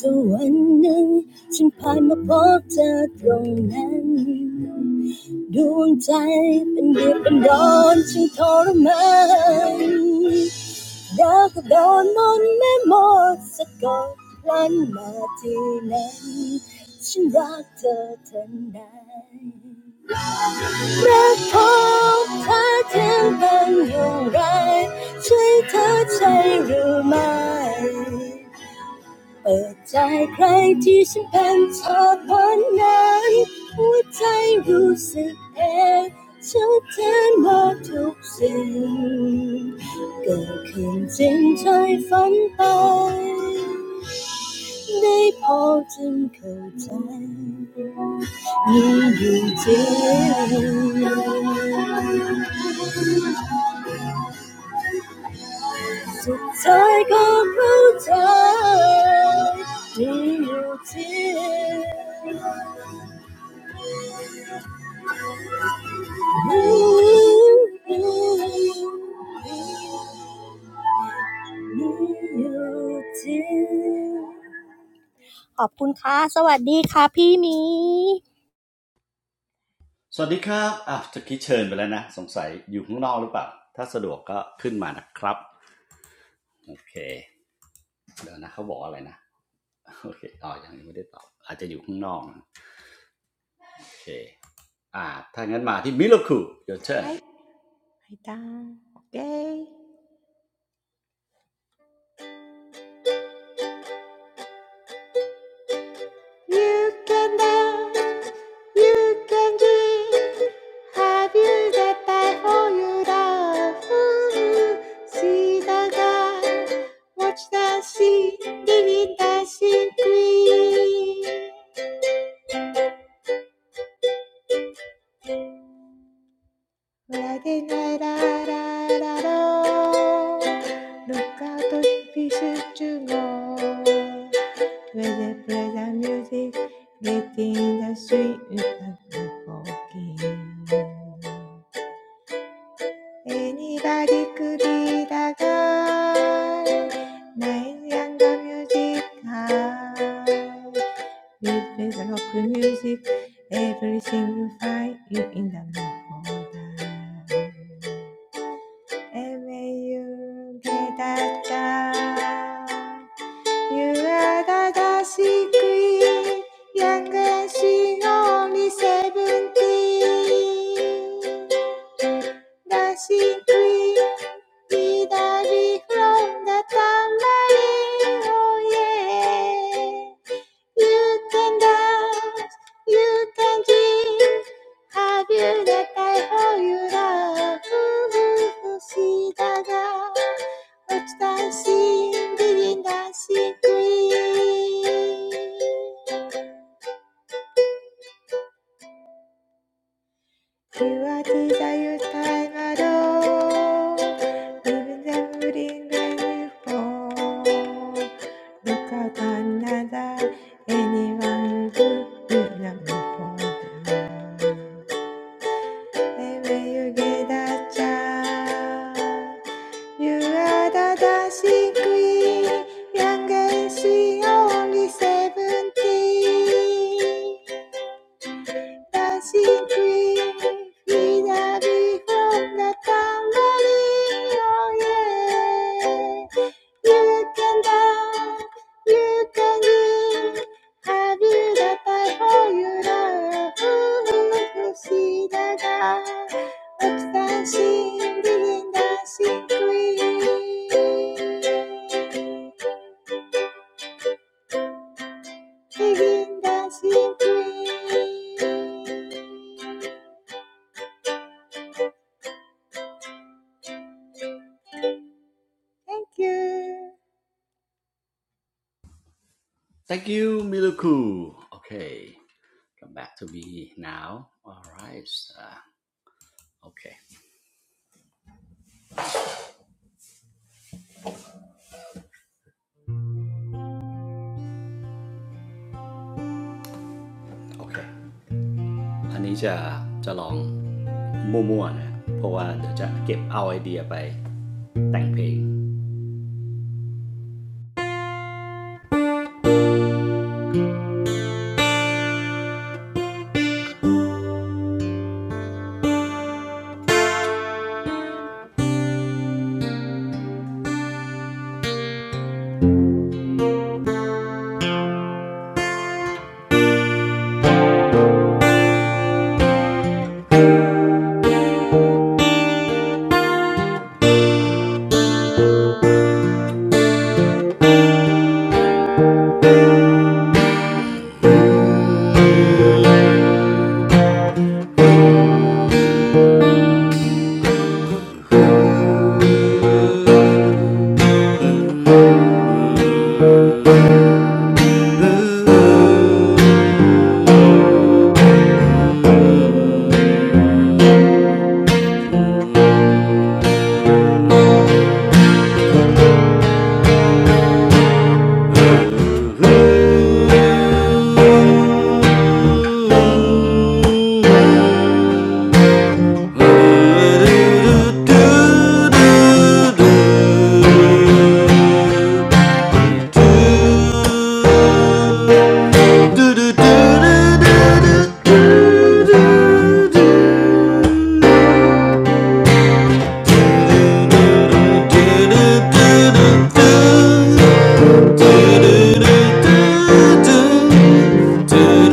Speaker 2: จนวันหนึ่งฉันผ่านมาพบเธอตรงนั้น เปิดใจใครที่ฉันเป็นเธอวันนั้นหัวใจรู้สึกเองชัดเจนว่าทุกสิ่งเกิดขึ้นจริงใช่ฝันไปได้พอจึงเข้าใจยิ่งอยู่จริงสุดท้ายก็เข้าใจมีอยู่จริง ขอบคุณค่ะสวัสดีค่ะพี่หมี
Speaker 1: สวัสดีครับอ่ะตะกี้เชิญไปแล้วนะ [LAUGHS] สงสัยอยู่ข้างนอกหรือเปล่าถ้าสะดวกก็ขึ้นมานะครับโอเคเดี๋ยวนะเขาบอกอะไรนะโอเคอ๋อยังไม่ได้ตอบอาจจะอยู่ข้างนอกนะ Okay. Ah, ถ้างั้นมาที่ Milaku your turn
Speaker 3: はい。はいたん。OK。You can dance, you can dream, have you that I owe you love. Ooh, See the guy, watch the sea, living dancing queen. La de la la la la la. Look out the fish to go. Where they play the music, get in the street and walking. Anybody could be the guy. Nice younger music high. We play the rock music, everything you find you in the mood. for that. And when you get that down. 유라가 다시 그의 양가 시 only seventeen Dashing free with a leaf from the tambourine. Oh yeah. You can dance, you can dream. Have you the I for you love? see the da. What's dancing, begin dancing queen. You are the time alone, even when we fall. Look out on another anyone who will not fall. Everywhere you get that time, you are the dancing queen. Youngest, only seventeen. Dancing Queen, vida dijo Natamari, oh yeah. You can dance, you can live, have you that I for you love? Ooh, see the guy up dancing, begin dancing queen, begin dancing queen. Thank you.
Speaker 1: thank you Milaku okay come back to me now alright ah, okay okay อันนี้จะจะลองมั่วๆนะเพราะว่าเดี๋ยวจะเก็บเอาไอเดียไปแต่งเพลง [LAUGHS] Do Do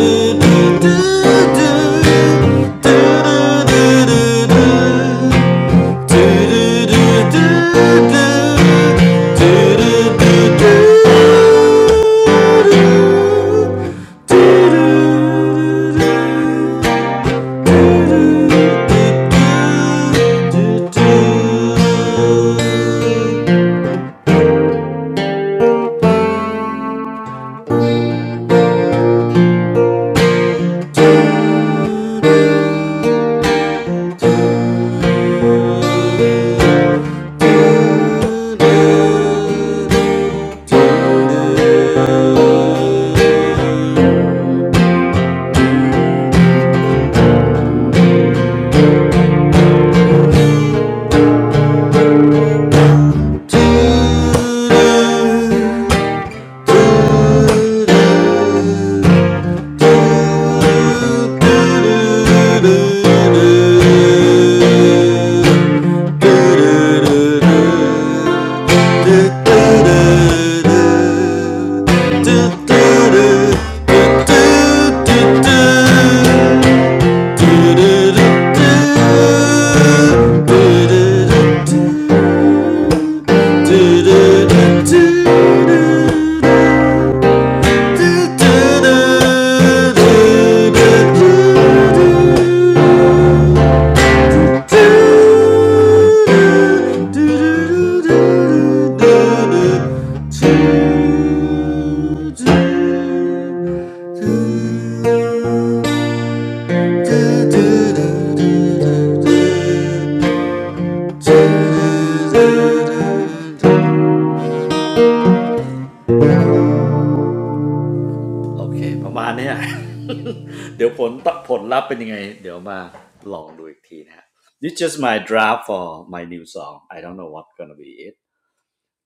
Speaker 1: Thank you โอเค [LAUGHS] This just my draft for my new song I don't know what gonna be it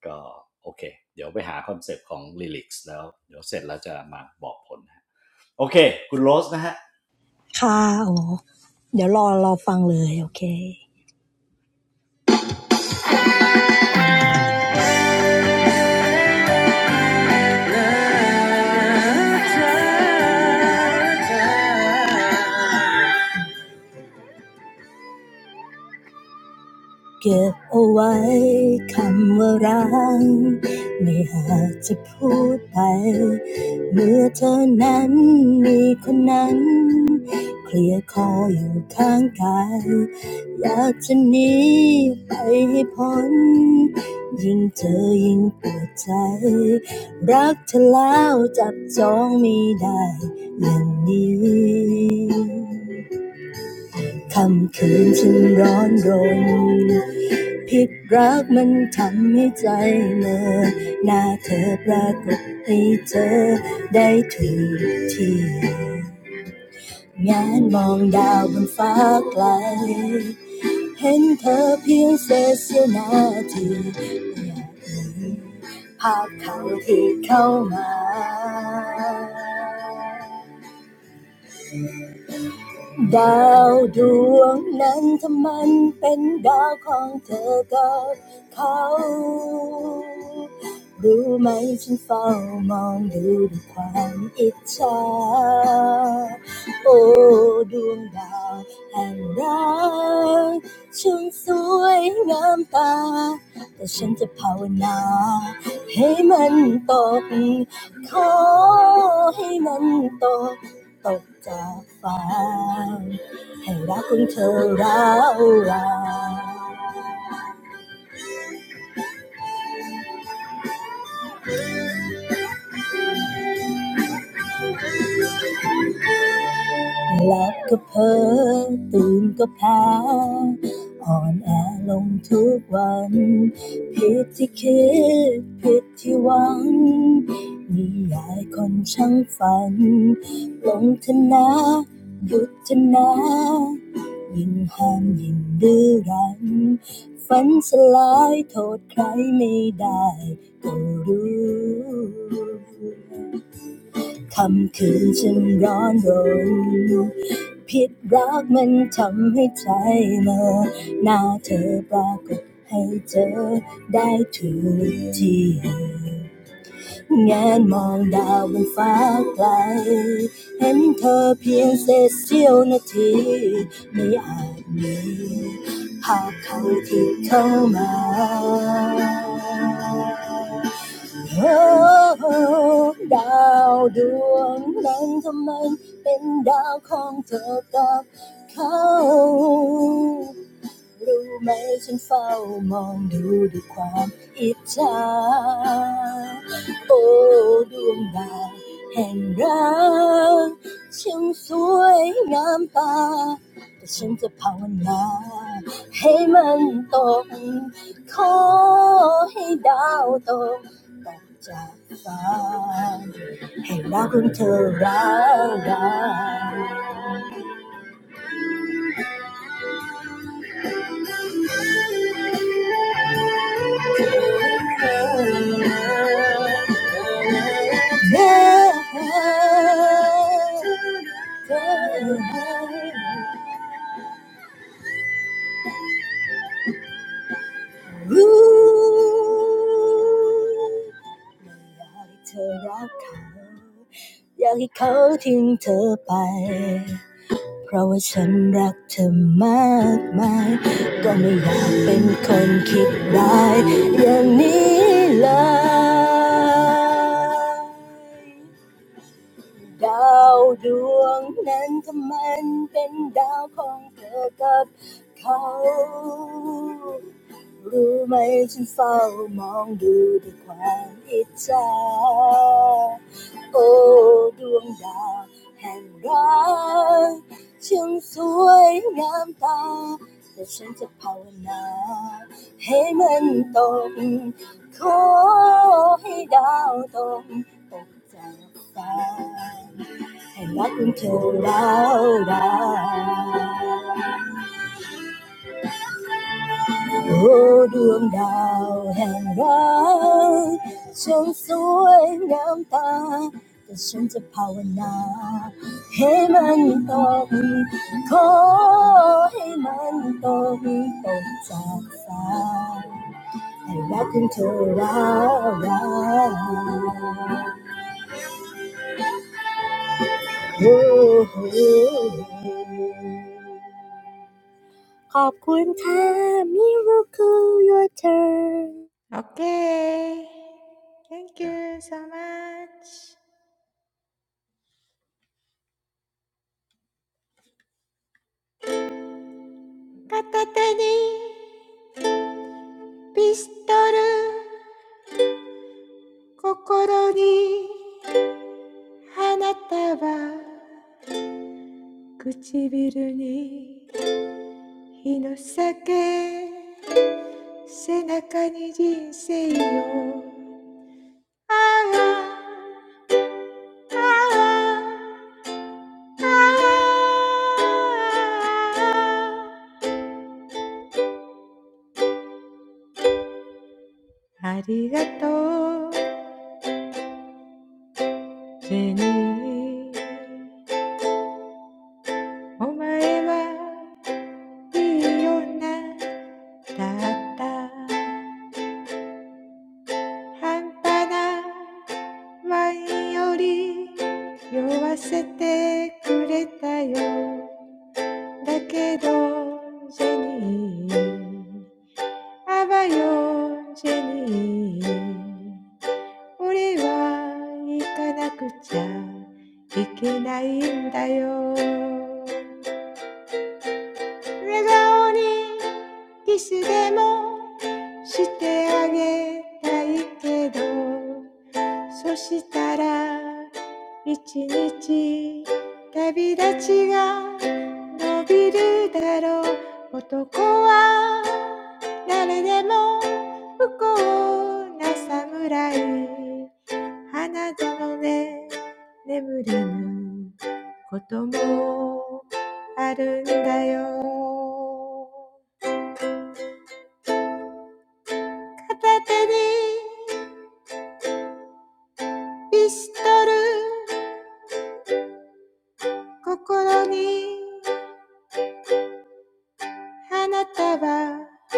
Speaker 1: ก็โอเคเดี๋ยวไปหาคอนเซปต์ของ Lyrics แล้วคุณโรสนะฮะ
Speaker 2: ค่ะโอ้เดี๋ยวรอรอฟังเลยโอเค เก็บเอาไว้คำว่ารักไม่อาจจะพูดไป ผิดรักมันทำให้ใจเหมื่อหน้าเธอปรากฏให้เธอได้ถูกที่ ดาวดวงนั้นถ้ามันเป็นดาวของเธอกับเขา ตกจากฟ้าให้รักของเธอร้าวราน หลับก็เพอตื่นก็แพ้ คำคืนฉันร้อนรนผิดรักมันทำให้ใจเหมื่อหน้าเธอปรากฏให้เจอได้ทุกทีแงนมองดาวบนฟ้าไกล Oh, star, that made it. รู้ไหมฉันเฝ้ามองดูด้วยความอิจฉาโอ้ดวงดาวแห่งรักช่างสวยงามตาแต่ฉันจะภาวนาให้มันตกขอให้ดาวตกตกจากฟ้า อยากให้เขาทิ้งเธอไปเพราะว่าฉันรักเธอมากมายก็ไม่อยากเป็นคนคิดร้ายอย่างนี้เลย ดาวดวงนั้นถ้ามันเป็นดาวของเธอกับเขารู้ไหมฉันเฝ้ามองดูด้วยความอิจฉาโอ้ดวงดาวแห่งรักช่างสวยงามตาแต่ฉันจะภาวนาให้มันตก ขอให้ดาวตกตกจากฟ้า Hãy đón chờ lâu dài. Oh, đường đào hàng rong trăng suối ngắm ta, ta sẽ ภาวนา để nó to big, để nó to big, to big từ từ Hãy đón chờ lâu dài. ขอบคุณค่ะ Miracle Your Turn
Speaker 3: Okay. Thank you so much. 片手にピストル、心に花束、唇に日の酒、背中に人生よ。ああ、ああ、ああ。ありがとう seni omae wa iyo na datta hanta na wain yori yowasete kureta yo dakedo Jenny aba yo Jenny ore wa ikanakucha ikenai n da yo 笑顔にキスでもしてあげたいけどそしたら一日旅立ちが伸びるだろう男は誰でも不幸な侍花園で眠れぬこともあるんだよ片手にピストル心に花束唇に日の酒背中に人生よああああああ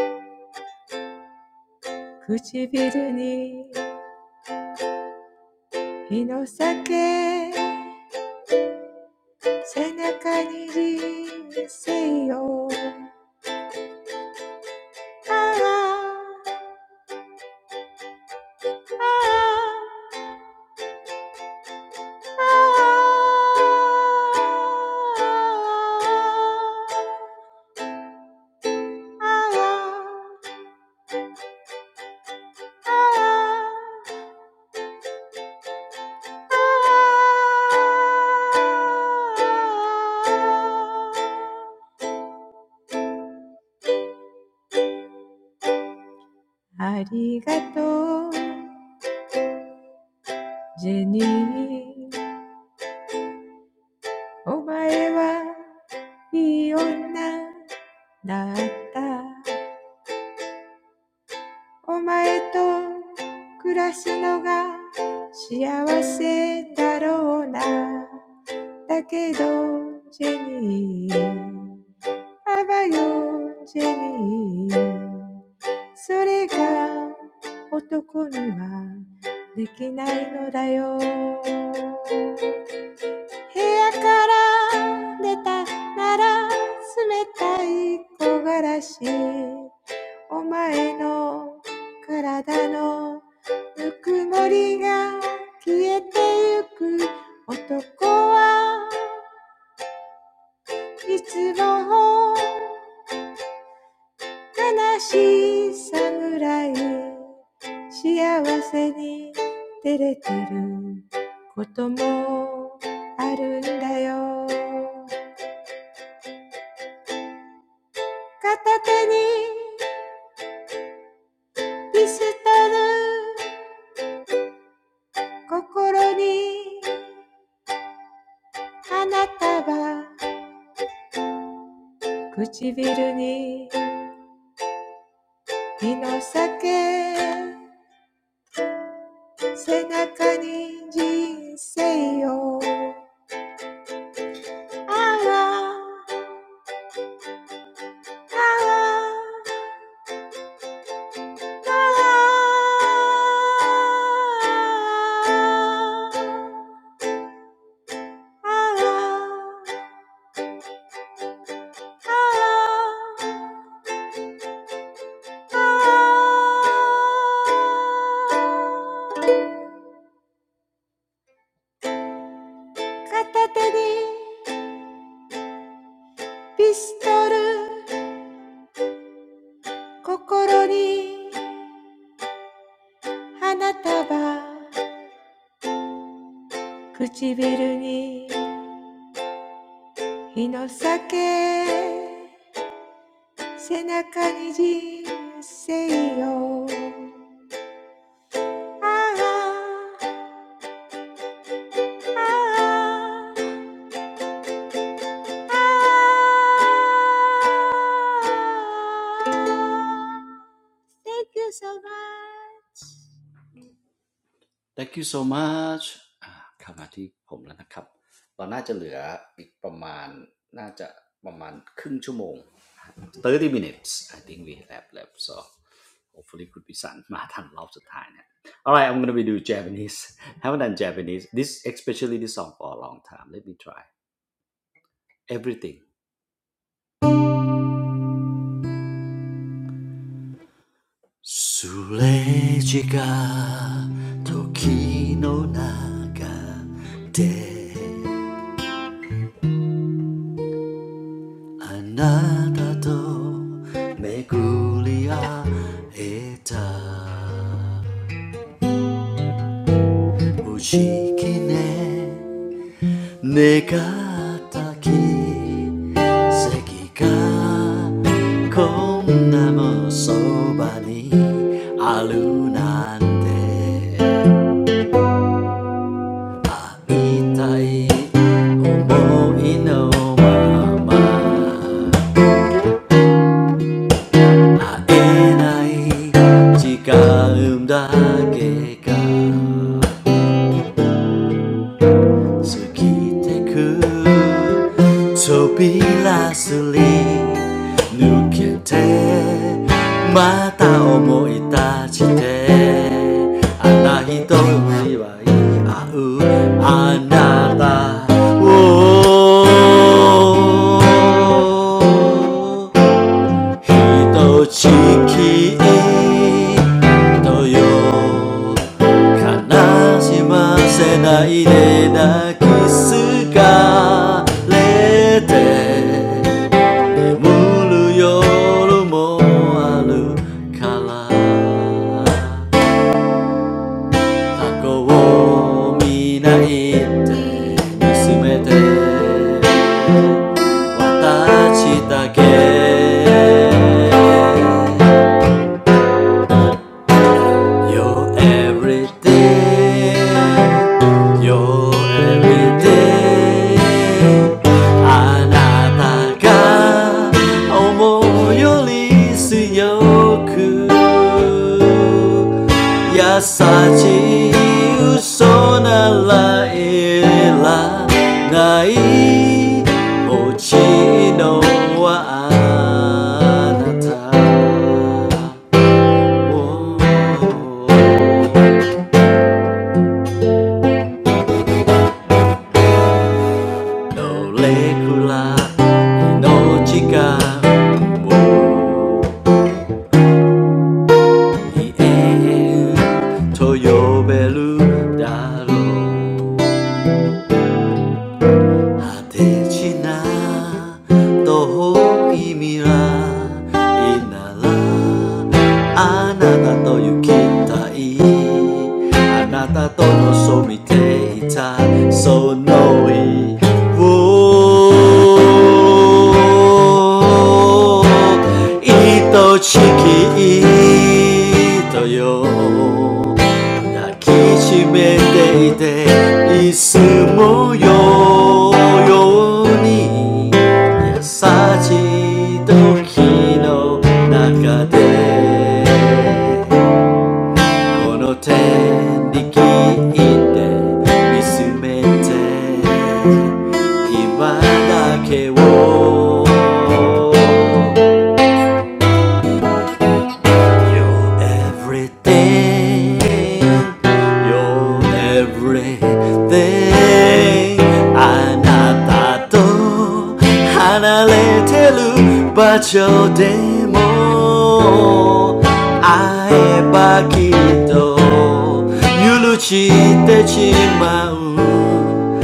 Speaker 3: arigato, Jenny. Omae wa ii onna datta. Omae to kurasu no ga shiawase daro na. Dakedo, Jenny.「ジェニー」それが男にはできないのだよ。部屋から出たなら冷たい木枯らし。お前の体のぬくもりが消えてゆく男はいつも悲しい侍幸せに照れてることもあるんだよ片手にピストル心に花束唇に火の酒背中に人生をああああ片手にピストル、心に花束、唇に火の酒、背中に人生を Thank you so much.
Speaker 1: Thank you so much อ่าเข้ามาที่ผมแล้วนะครับเราน่าจะเหลืออีกประมาณน่าจะประมาณครึ่งชั่วโมง30 minutes I think we have left so hopefully could be คุณพิสันมาทันรอบสุดท้ายเนี่ย [LAUGHS] alright I'm gonna be do Japanese [LAUGHS] haven't done Japanese this especially this song for a long time let me try everything すれ違う時の中であなたと巡り合えた無時期ね願った奇跡がこんなもそばにあるなんて I want to be the same as you. So keep it cool. So be lacy. Look at me. Again, I'm reaching out. Another day, we'll meet again. 人地とよ悲しませないで泣きすがれて眠る夜もあるから過去を見ないって娘で私だけ You're everything. You're everything. あなたが思うより強く優しい嘘ならいらない落ちのはあなた Oh, no, let's not forget about the end. To be loved, darling. 果てしな遠い未来ならあなたと行きたいあなたと望みていたその日を愛しき人よ抱きしめていていつもよように優しい時の中でこの手握って見つめて今だけを You're everything. You're everything. あなたと離れてる場所でも会えばきっと許してしまうどんな夜でも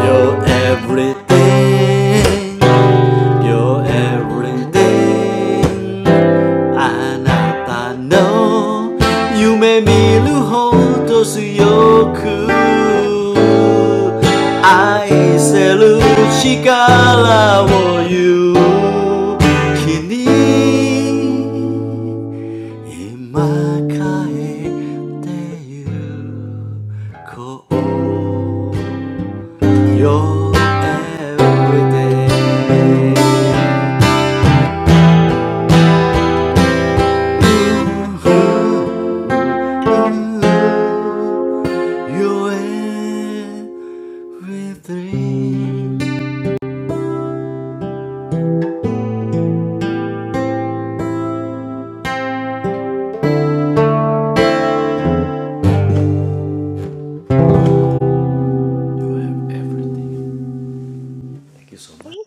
Speaker 1: You're everything, you're everything あなたの夢見るほど強く愛せる力を言う君今帰ってゆこう you're everyday. You, You're everything. you have everything. Thank you so much. Good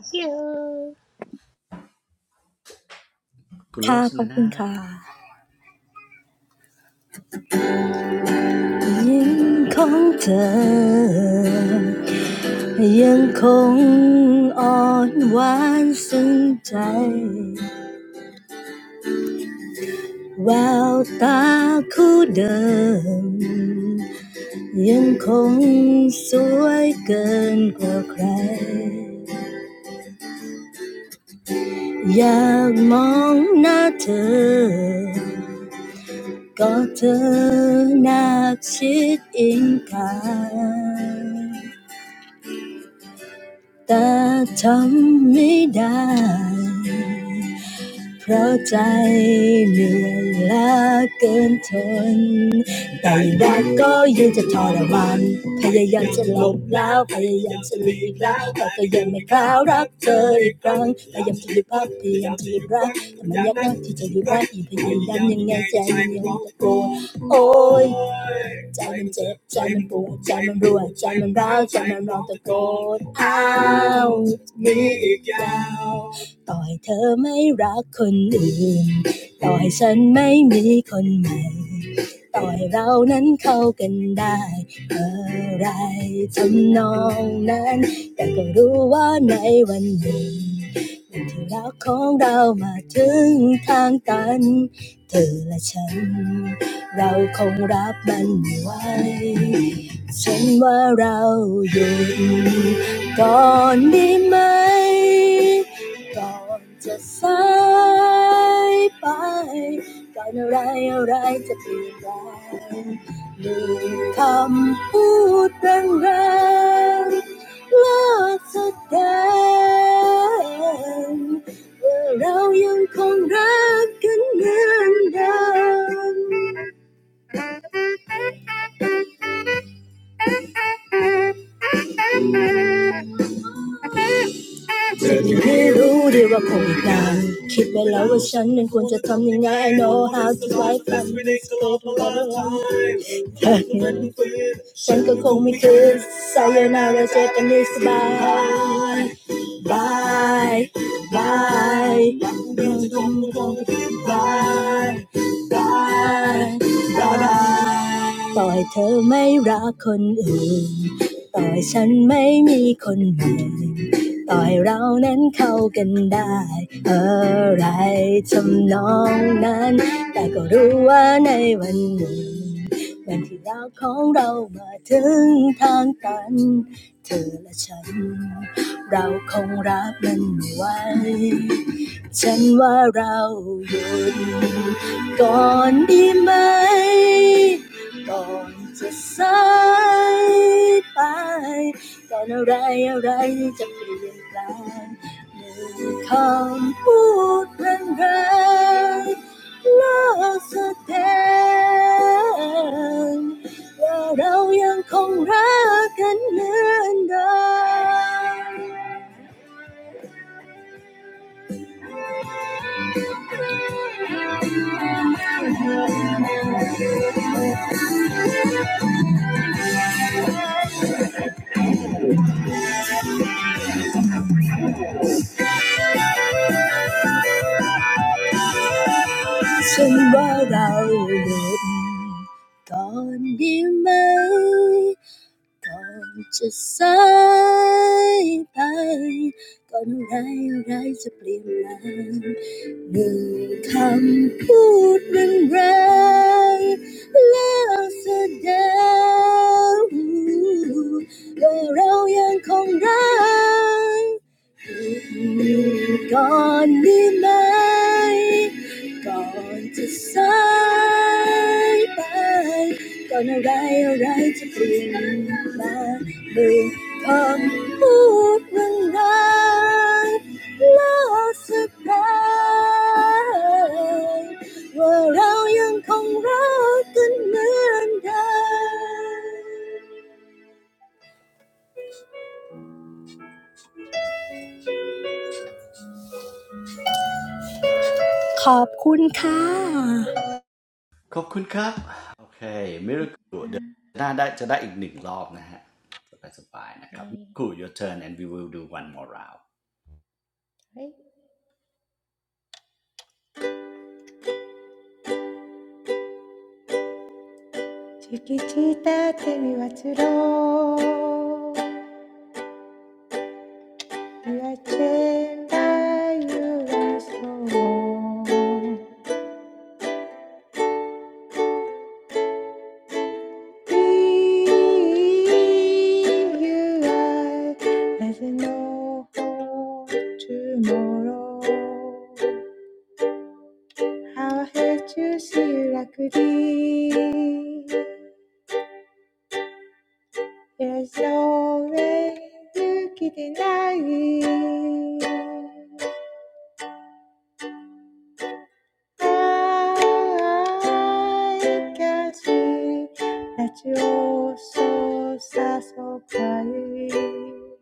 Speaker 2: ค่ะ
Speaker 1: คุณโรสนะนะขอบคุณครับ
Speaker 2: ขอบคุณค่ะยิ้มของเธออยากมองหน้าเธอ ก็เธอนาชิดอิงกายแต่ทำไม่ได้ เพราะใจเหนื่อยล้าเกินทนแต่รักก็ยังจะทรมานพยายามจะหลบแล้วพยายามจะหลีกแล้วแต่ก็ยังไม่คล้าวรักเธออีกครั้งพยายามจะหยุดพักพยายามจะหยุดรักแต่มันยากนักที่จะหยุดรักอีกพยายามยังไงใจมันยังตะโกนโอ๊ยใจมันเจ็บใจมันปวดใจมันรัวใจมันร้าวใจมันร้องตะโกนอ้าว ต่อให้เธอไม่รักคนอื่นต่อให้ฉันไม่มีคนใหม่ต่อให้เรานั้นเข้ากันได้อะไรทำนองนั้นแต่ก็รู้ว่าในวันหนึ่งวันที่รักของเรามาถึงทางตันเธอและฉันเราคงรับมันไม่ไหวฉันว่าเราหยุดก่อนดีไหม ก่อนจะสายไปการอะไรอะไรจะเปลี่ยนแปลงหนึ่งคำพูดแรงๆเลิกแสดงว่าเรายังคงรักกันเหมือนเดิม ฉันไม่รู้เรื่องว่าคงตายคิดไปแล้วว่าฉันนั้นควรจะทำยังไง I don't know how to love you. ฉันก็คงไม่คิดไซยานาราเจอกันให้สบายบายบายยังจะคงไม่คงไม่คิดบายบายบายต่อให้เธอไม่รักคนอื่นต่อให้ฉันไม่มีคนใหม่ต่อให้เรานั้นเข้ากันได้อะไรทำนองนั้นแต่ก็รู้ว่าในวันหนึ่ง วันที่เราของเรามาถึงทางตัน closer than ว่าเรายังคงรักกันเหมือนเดิมฉันว่าเราเดินก่อนดีไหมก่อนจะสายไปก่อนอะไรอะไรจะเปลี่ยนแปลง One word spoken, and it's over. But we're still in love. You're gone, you may, gone to say bye. Gone, what, what, what has changed? My words, words, words, lost again. But we still love like we used to. Thank you.
Speaker 1: โอเคมิราคูเดี๋ยวหน้าได้จะได้อีกหนึ่งรอบนะฮะ
Speaker 3: Birthday.
Speaker 1: สบายๆนะครับมิราคู your turn and we will do one more round
Speaker 3: はい。Chiquitita te mi vaciló. You are chained by your own soul. DUI there's no hope tomorrow how I hate you see you like a D there's no way you can deny it I can see that you're so sad so crying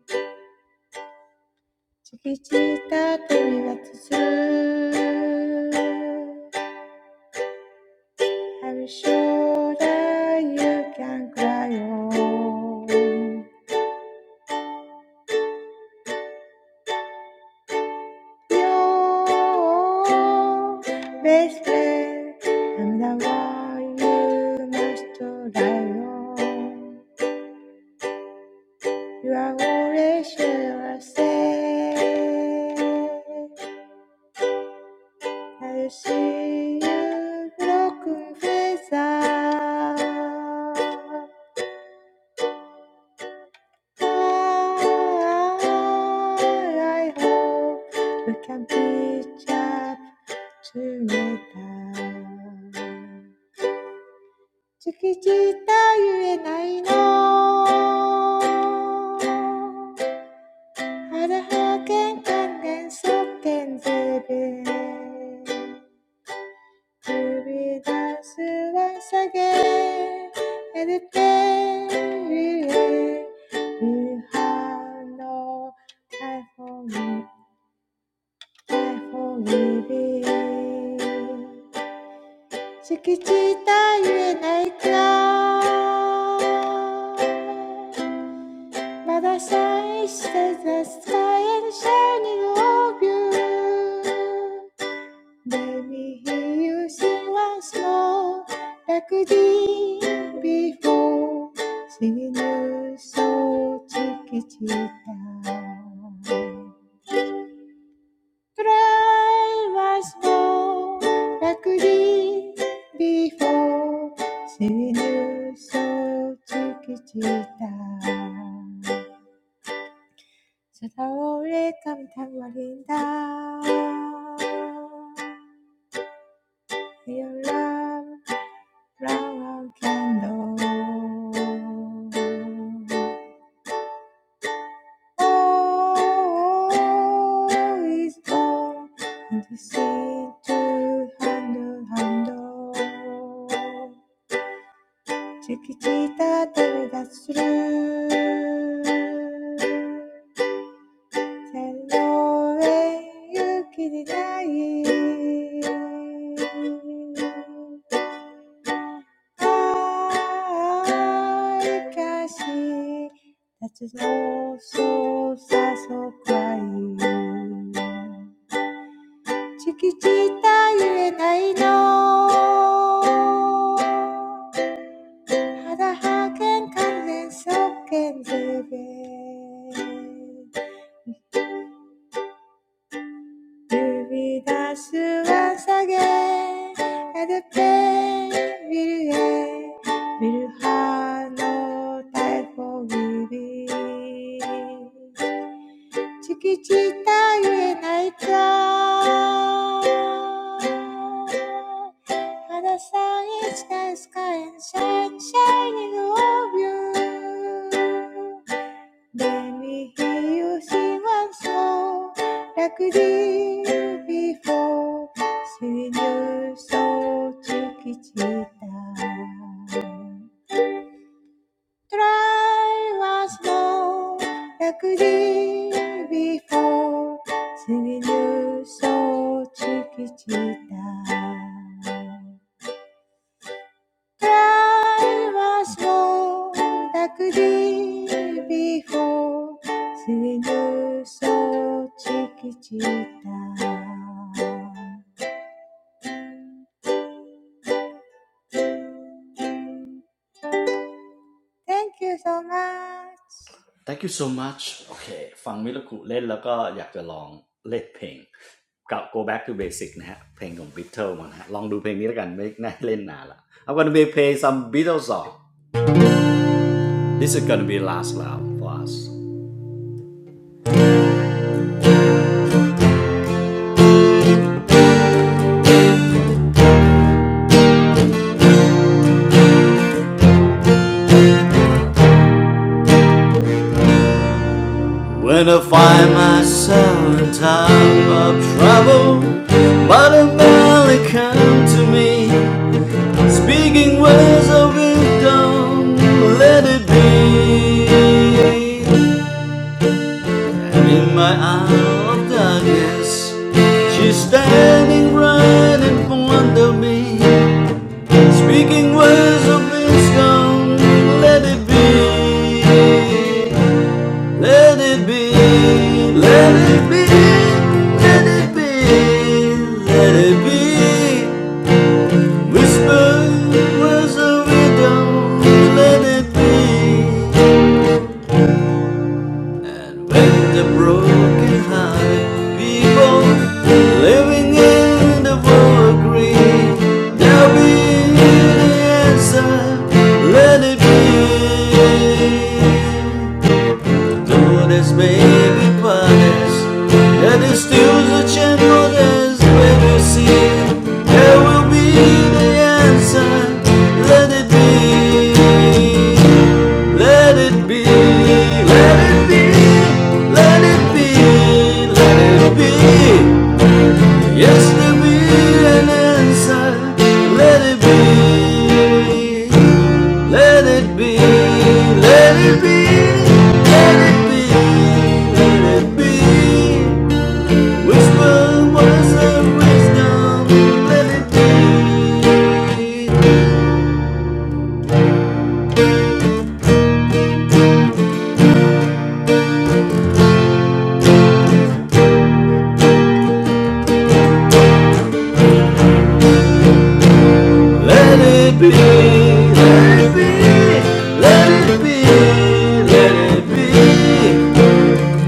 Speaker 3: チキチータ旅立つず Have you sure that you can cry on your best friend I'm the one you must rely on You are always sure I say I see you broken face I hope we can pitch up together. can't can't 月じたゆえないの。腹は玄関連想点ゼベ。to be dancing once again and the day we have no time for me, time for living. 敷地たゆえないか But 敷地たゆえないかまだ shine says the sky and shining of you let me hear you sing once more, like we did before, singing you so down. Try once more, like we did before, singing you so down. 사다오래 감탄 말린다. flower candle. Oh, is all and to see to handle, handle. Chiquitita, take us through. Hello, you チキチータ旅立つる。線路へ行きにない。Like I gashi no so sa so kai Chikichita yuenai know. Haraha ken kanen soken zube You reach out and take, and then we'll be, we'll have no time for living. 敷地たゆえ泣いちゃう。Other side is the sky and sun shining over you. Let me hear you sing one song like you did before. Singing your soul to Kichita. Try was no luxury before singing you so cheeky cheetah. Try was no luxury before singing you so cheeky cheetah. Thank you so much.
Speaker 1: Thank you so much โอเค go back to basic นะฮะเพลงของ Beatles มานะฮะไม่น่าเล่นนานละ I'm gonna be play some Beatles song This is gonna be last round for us When I find myself in time of trouble But a man come to me Speaking words of wisdom Let it be And in my hour of darkness, she's standing right in front of me, speaking words of wisdom. Let it be, let it be, let it be, let it be, let it be. Whisper words of wisdom. Let it be, And the broken hearted people living in the world agree there'll be the answer let it be Though there's baby planets, yeah, there's still such a modest where we see it, there will be the answer. Let it be, let it be, let it be, let it be, let it be. Yes, there will be an answer. Let it be. Let it be, let it be, let it be, let it be. Whisper words of wisdom, let it be. Let it be, let it be, let it be, let it be.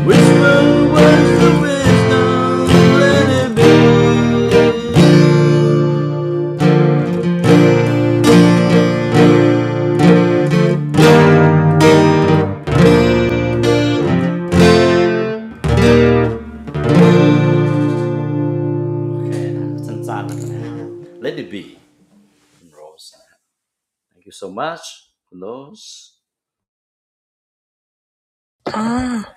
Speaker 1: Whisper words of wisdom, let it be. Okay that's นะสั้นๆนะครับ Let it be Rose Thank you so much, Kunos.
Speaker 2: Ah,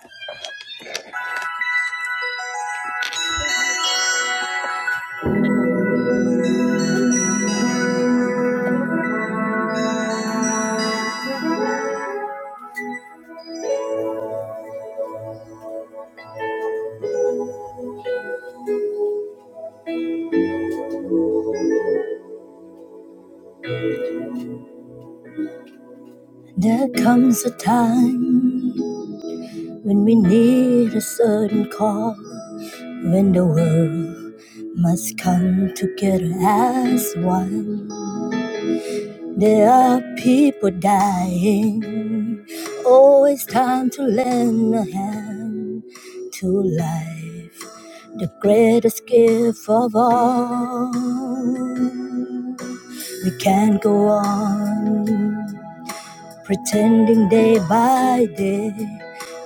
Speaker 2: the constant. When we need a certain call, when the world must come together as one, there are people dying. Oh, it's time to lend a hand to life, the greatest gift of all. We can't go on pretending day by day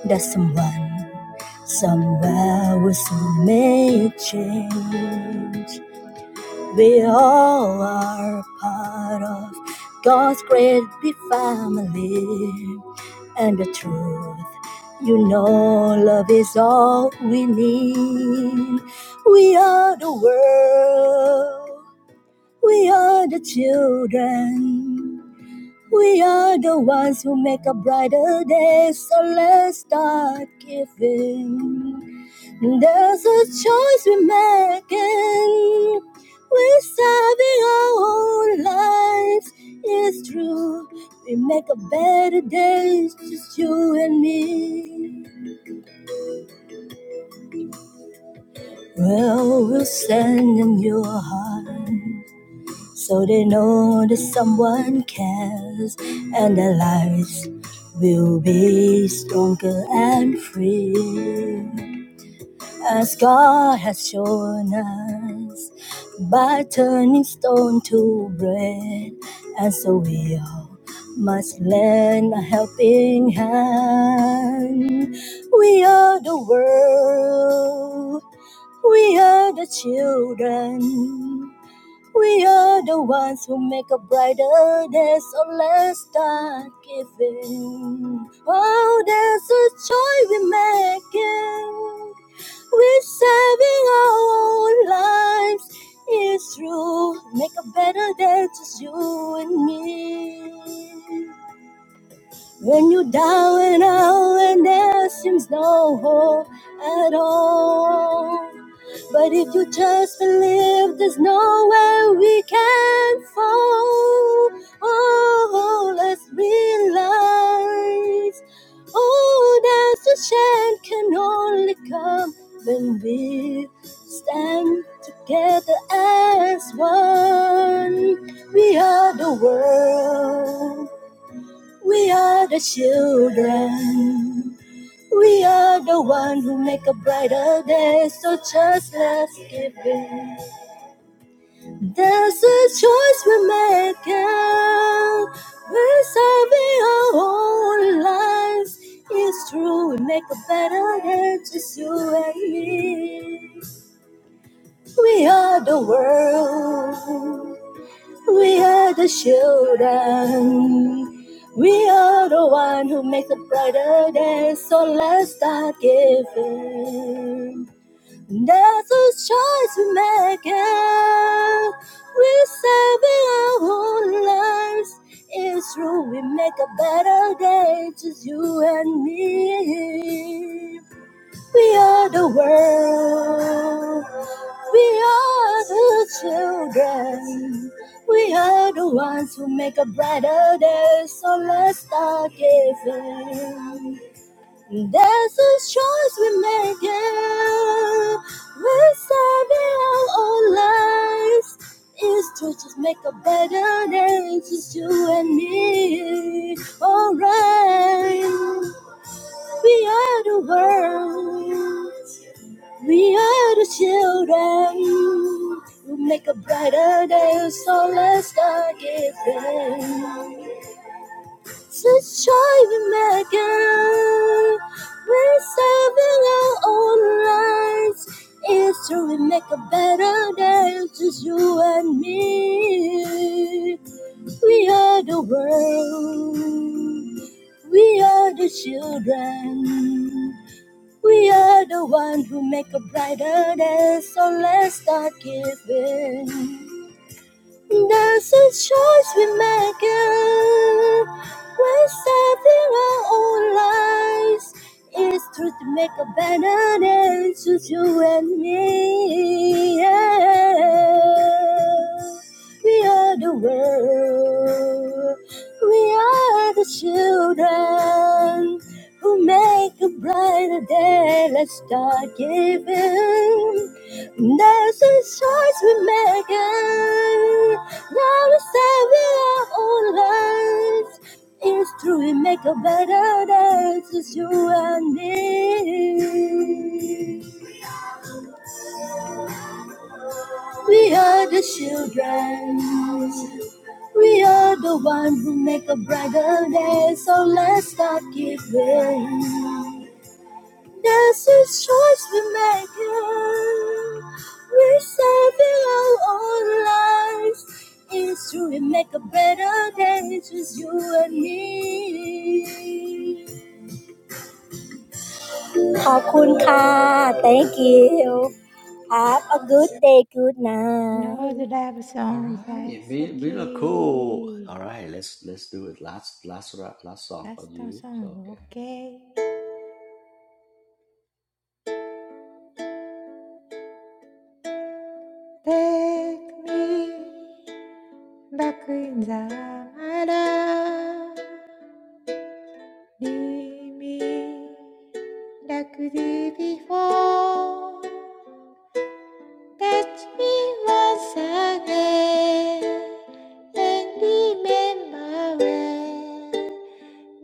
Speaker 2: that someone Somehow we will make change. We all are part of God's great big family. And the truth, you know, love is all we need. We are the world. We are the children. We are the ones who make a brighter day. So let's start giving. And there's a choice we're making. We're serving our own lives. It's true. We make a better day, just you and me. Well, we'll send them your heart so they know that someone cares and their lives will be stronger and free. as God has shown us by turning stone to bread. And so we all must lend a helping hand. We are the world, we are the children. We are the ones who make a brighter day, so let's start giving. Oh, there's a joy we're making. We're saving our own lives. It's true. Make a better day, just you and me. When you're down and out and there seems no hope at all. But if you just believe, there's nowhere we can fall. Oh, let's realize. Oh, that the chant can only come when we stand together as one. We are the world. We are the children. We are the one who make a brighter day. So just let's give in. There's a choice we're making. We're serving our whole lives. It's true, we make a better day, just you and me. We are the world. We are the children. We are the one who makes a brighter day. So let's start giving. That's a choice we make. It. We're saving our whole lives. It's true, we make a better day. Just you and me. We are the world. We are the children. We are the ones who make a brighter day. So let's start giving. There's a choice we make. yeah. We're saving our own lives. It's to just make a better day. Just you and me. Alright. We are the world. We are the children who make a brighter day, so let's start giving. Such joy we make it. We're serving our own lives. It's true, we make a better day, just you and me. We are the world. We are the children. We are the one who make a brighter day, so let's start giving. That's a choice we make. it. We're saving our own lives. It's true to make a better day, just you and me. Yeah. We are the world. We are the children who make a brighter day. Let's start giving. There's a choice we make. it. Now we say we are all lives. It's true, we make a better day. It's you and me. We are the children. We are the ones who make a brighter day. So let's start giving. That's his choice we make it. We're saving our own lives. It's true, we make a better day, just you and me. ขอบคุณค่ะ Thank you Have a good day good
Speaker 3: No
Speaker 2: night
Speaker 3: love
Speaker 1: All
Speaker 3: songs like
Speaker 1: right, be be look cool. All
Speaker 3: Saki.
Speaker 1: right, let's let's do it. Last last rap, last song
Speaker 3: Last
Speaker 1: for you. So
Speaker 3: song,
Speaker 1: okay.
Speaker 3: okay. Take me back in the melody. Leave me like the before. Touch me once again and remember when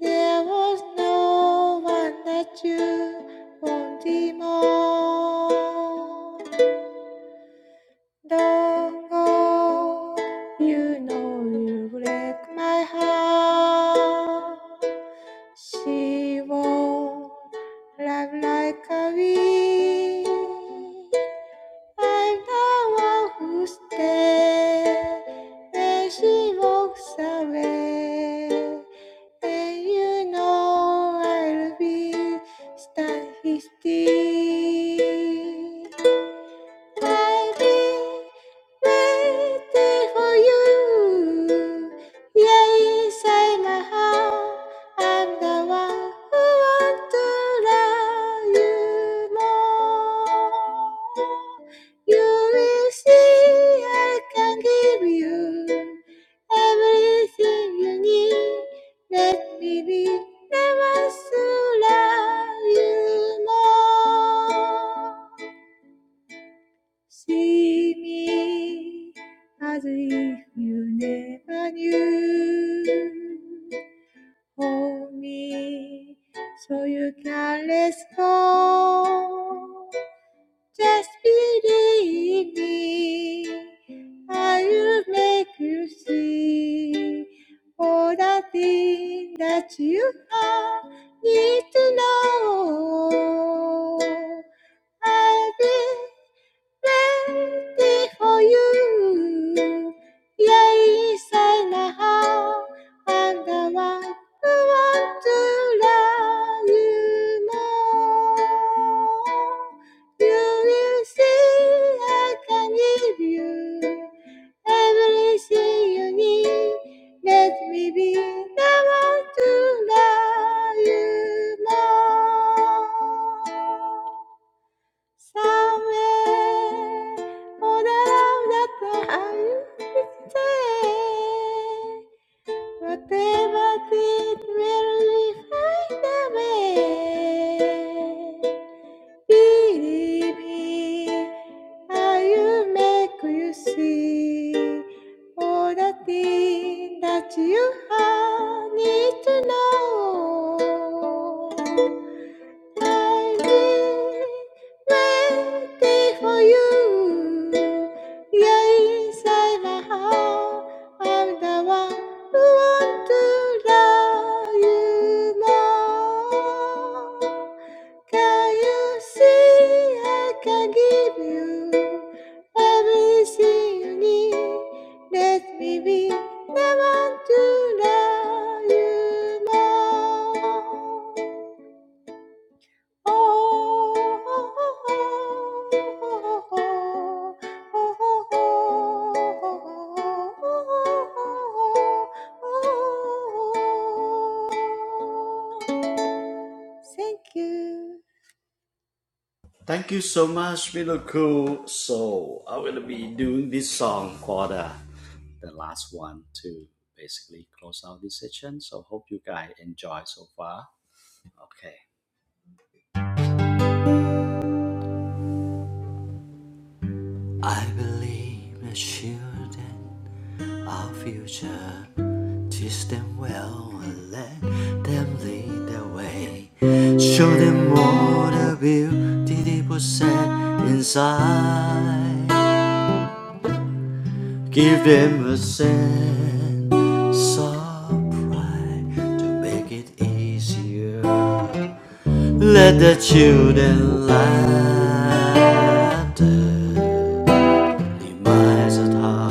Speaker 3: there was no one that you wanted more. Dog, you know you break my heart. She won't love like a weed. I'm the one who stays when she walks away. And you know I'll be stand still baby, waiting for you. Yeah, saying how I'm the one who wants to love you more. You will see I can give you everything you need. Let me be the one to love you more. See me as if you never knew. Hold me so you can let go. Just believe me. I will make you see all the things that you are need to know. I'll Ready for you. Yes, and a how, and I want, I want to love you more. You will see I can give you everything you need. Let me be the one to love you more. Somewhere all around that I'm stay. Whatever did merely find a way. Believe me, I will make you see all the things that you have need to know waiting for you. Yes, I know I'm the one who want to love you more. Can you see I can give you everything you need? Let me be the one to love you more. Thank you.
Speaker 1: Thank you so much, Middle Cool. So I will be doing this song for the the last one to basically close out this session. So hope you guys enjoy so far. Okay. I believe the children. our future. Teach them well and let them lead the way. Show them all the beauty they possess inside. Give them a sense of pride to make it easier. Let the children laughter reminds us how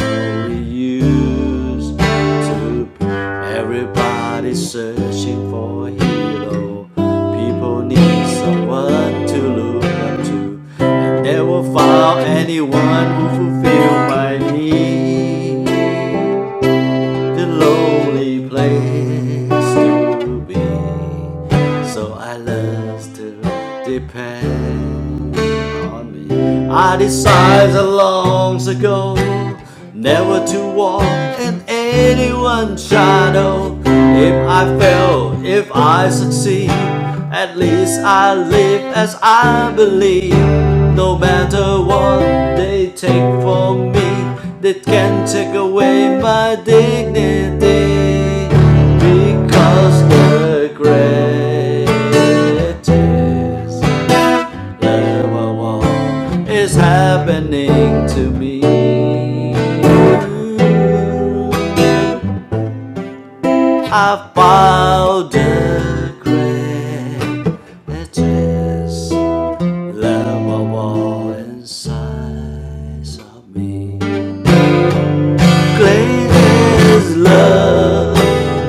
Speaker 1: we used to be. Everybody searching for a hero. People need someone to look up to. And never found anyone who fulfilled my need the lonely place to be. So I learned to depend on me. I decided long ago never to walk in anyone's shadow. If I fail, if I succeed, at least I live as I believe. No matter what they take from me, that can take away my dignity because the greatest love of is happening to me. I found the greatest love of inside of me. greatest love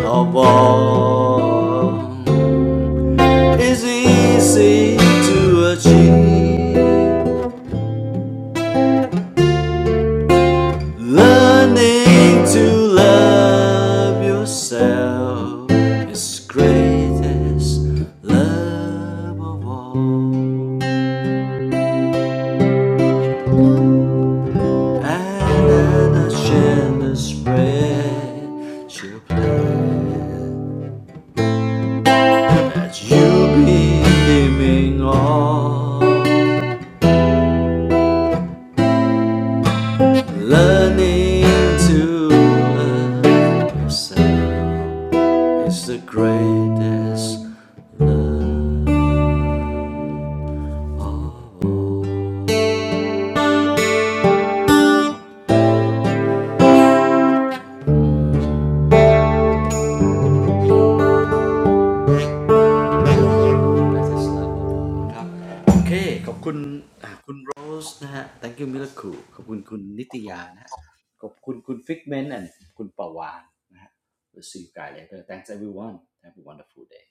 Speaker 1: of all is easy to achieve. Learning to love yourself is greatest love of all. And an ashamed spread she'll play that you be giving all. Learning to love yourself is the greatest love greatest love of all ครับโอเคขอบคุณอ่ะคุณโรสนะฮะ thank you miracle ขอบคุณคุณนิตยานะฮะขอบคุณคุณฟิกเมนต์และคุณประวานนะฮะ we'll see you guys later thanks everyone have a wonderful day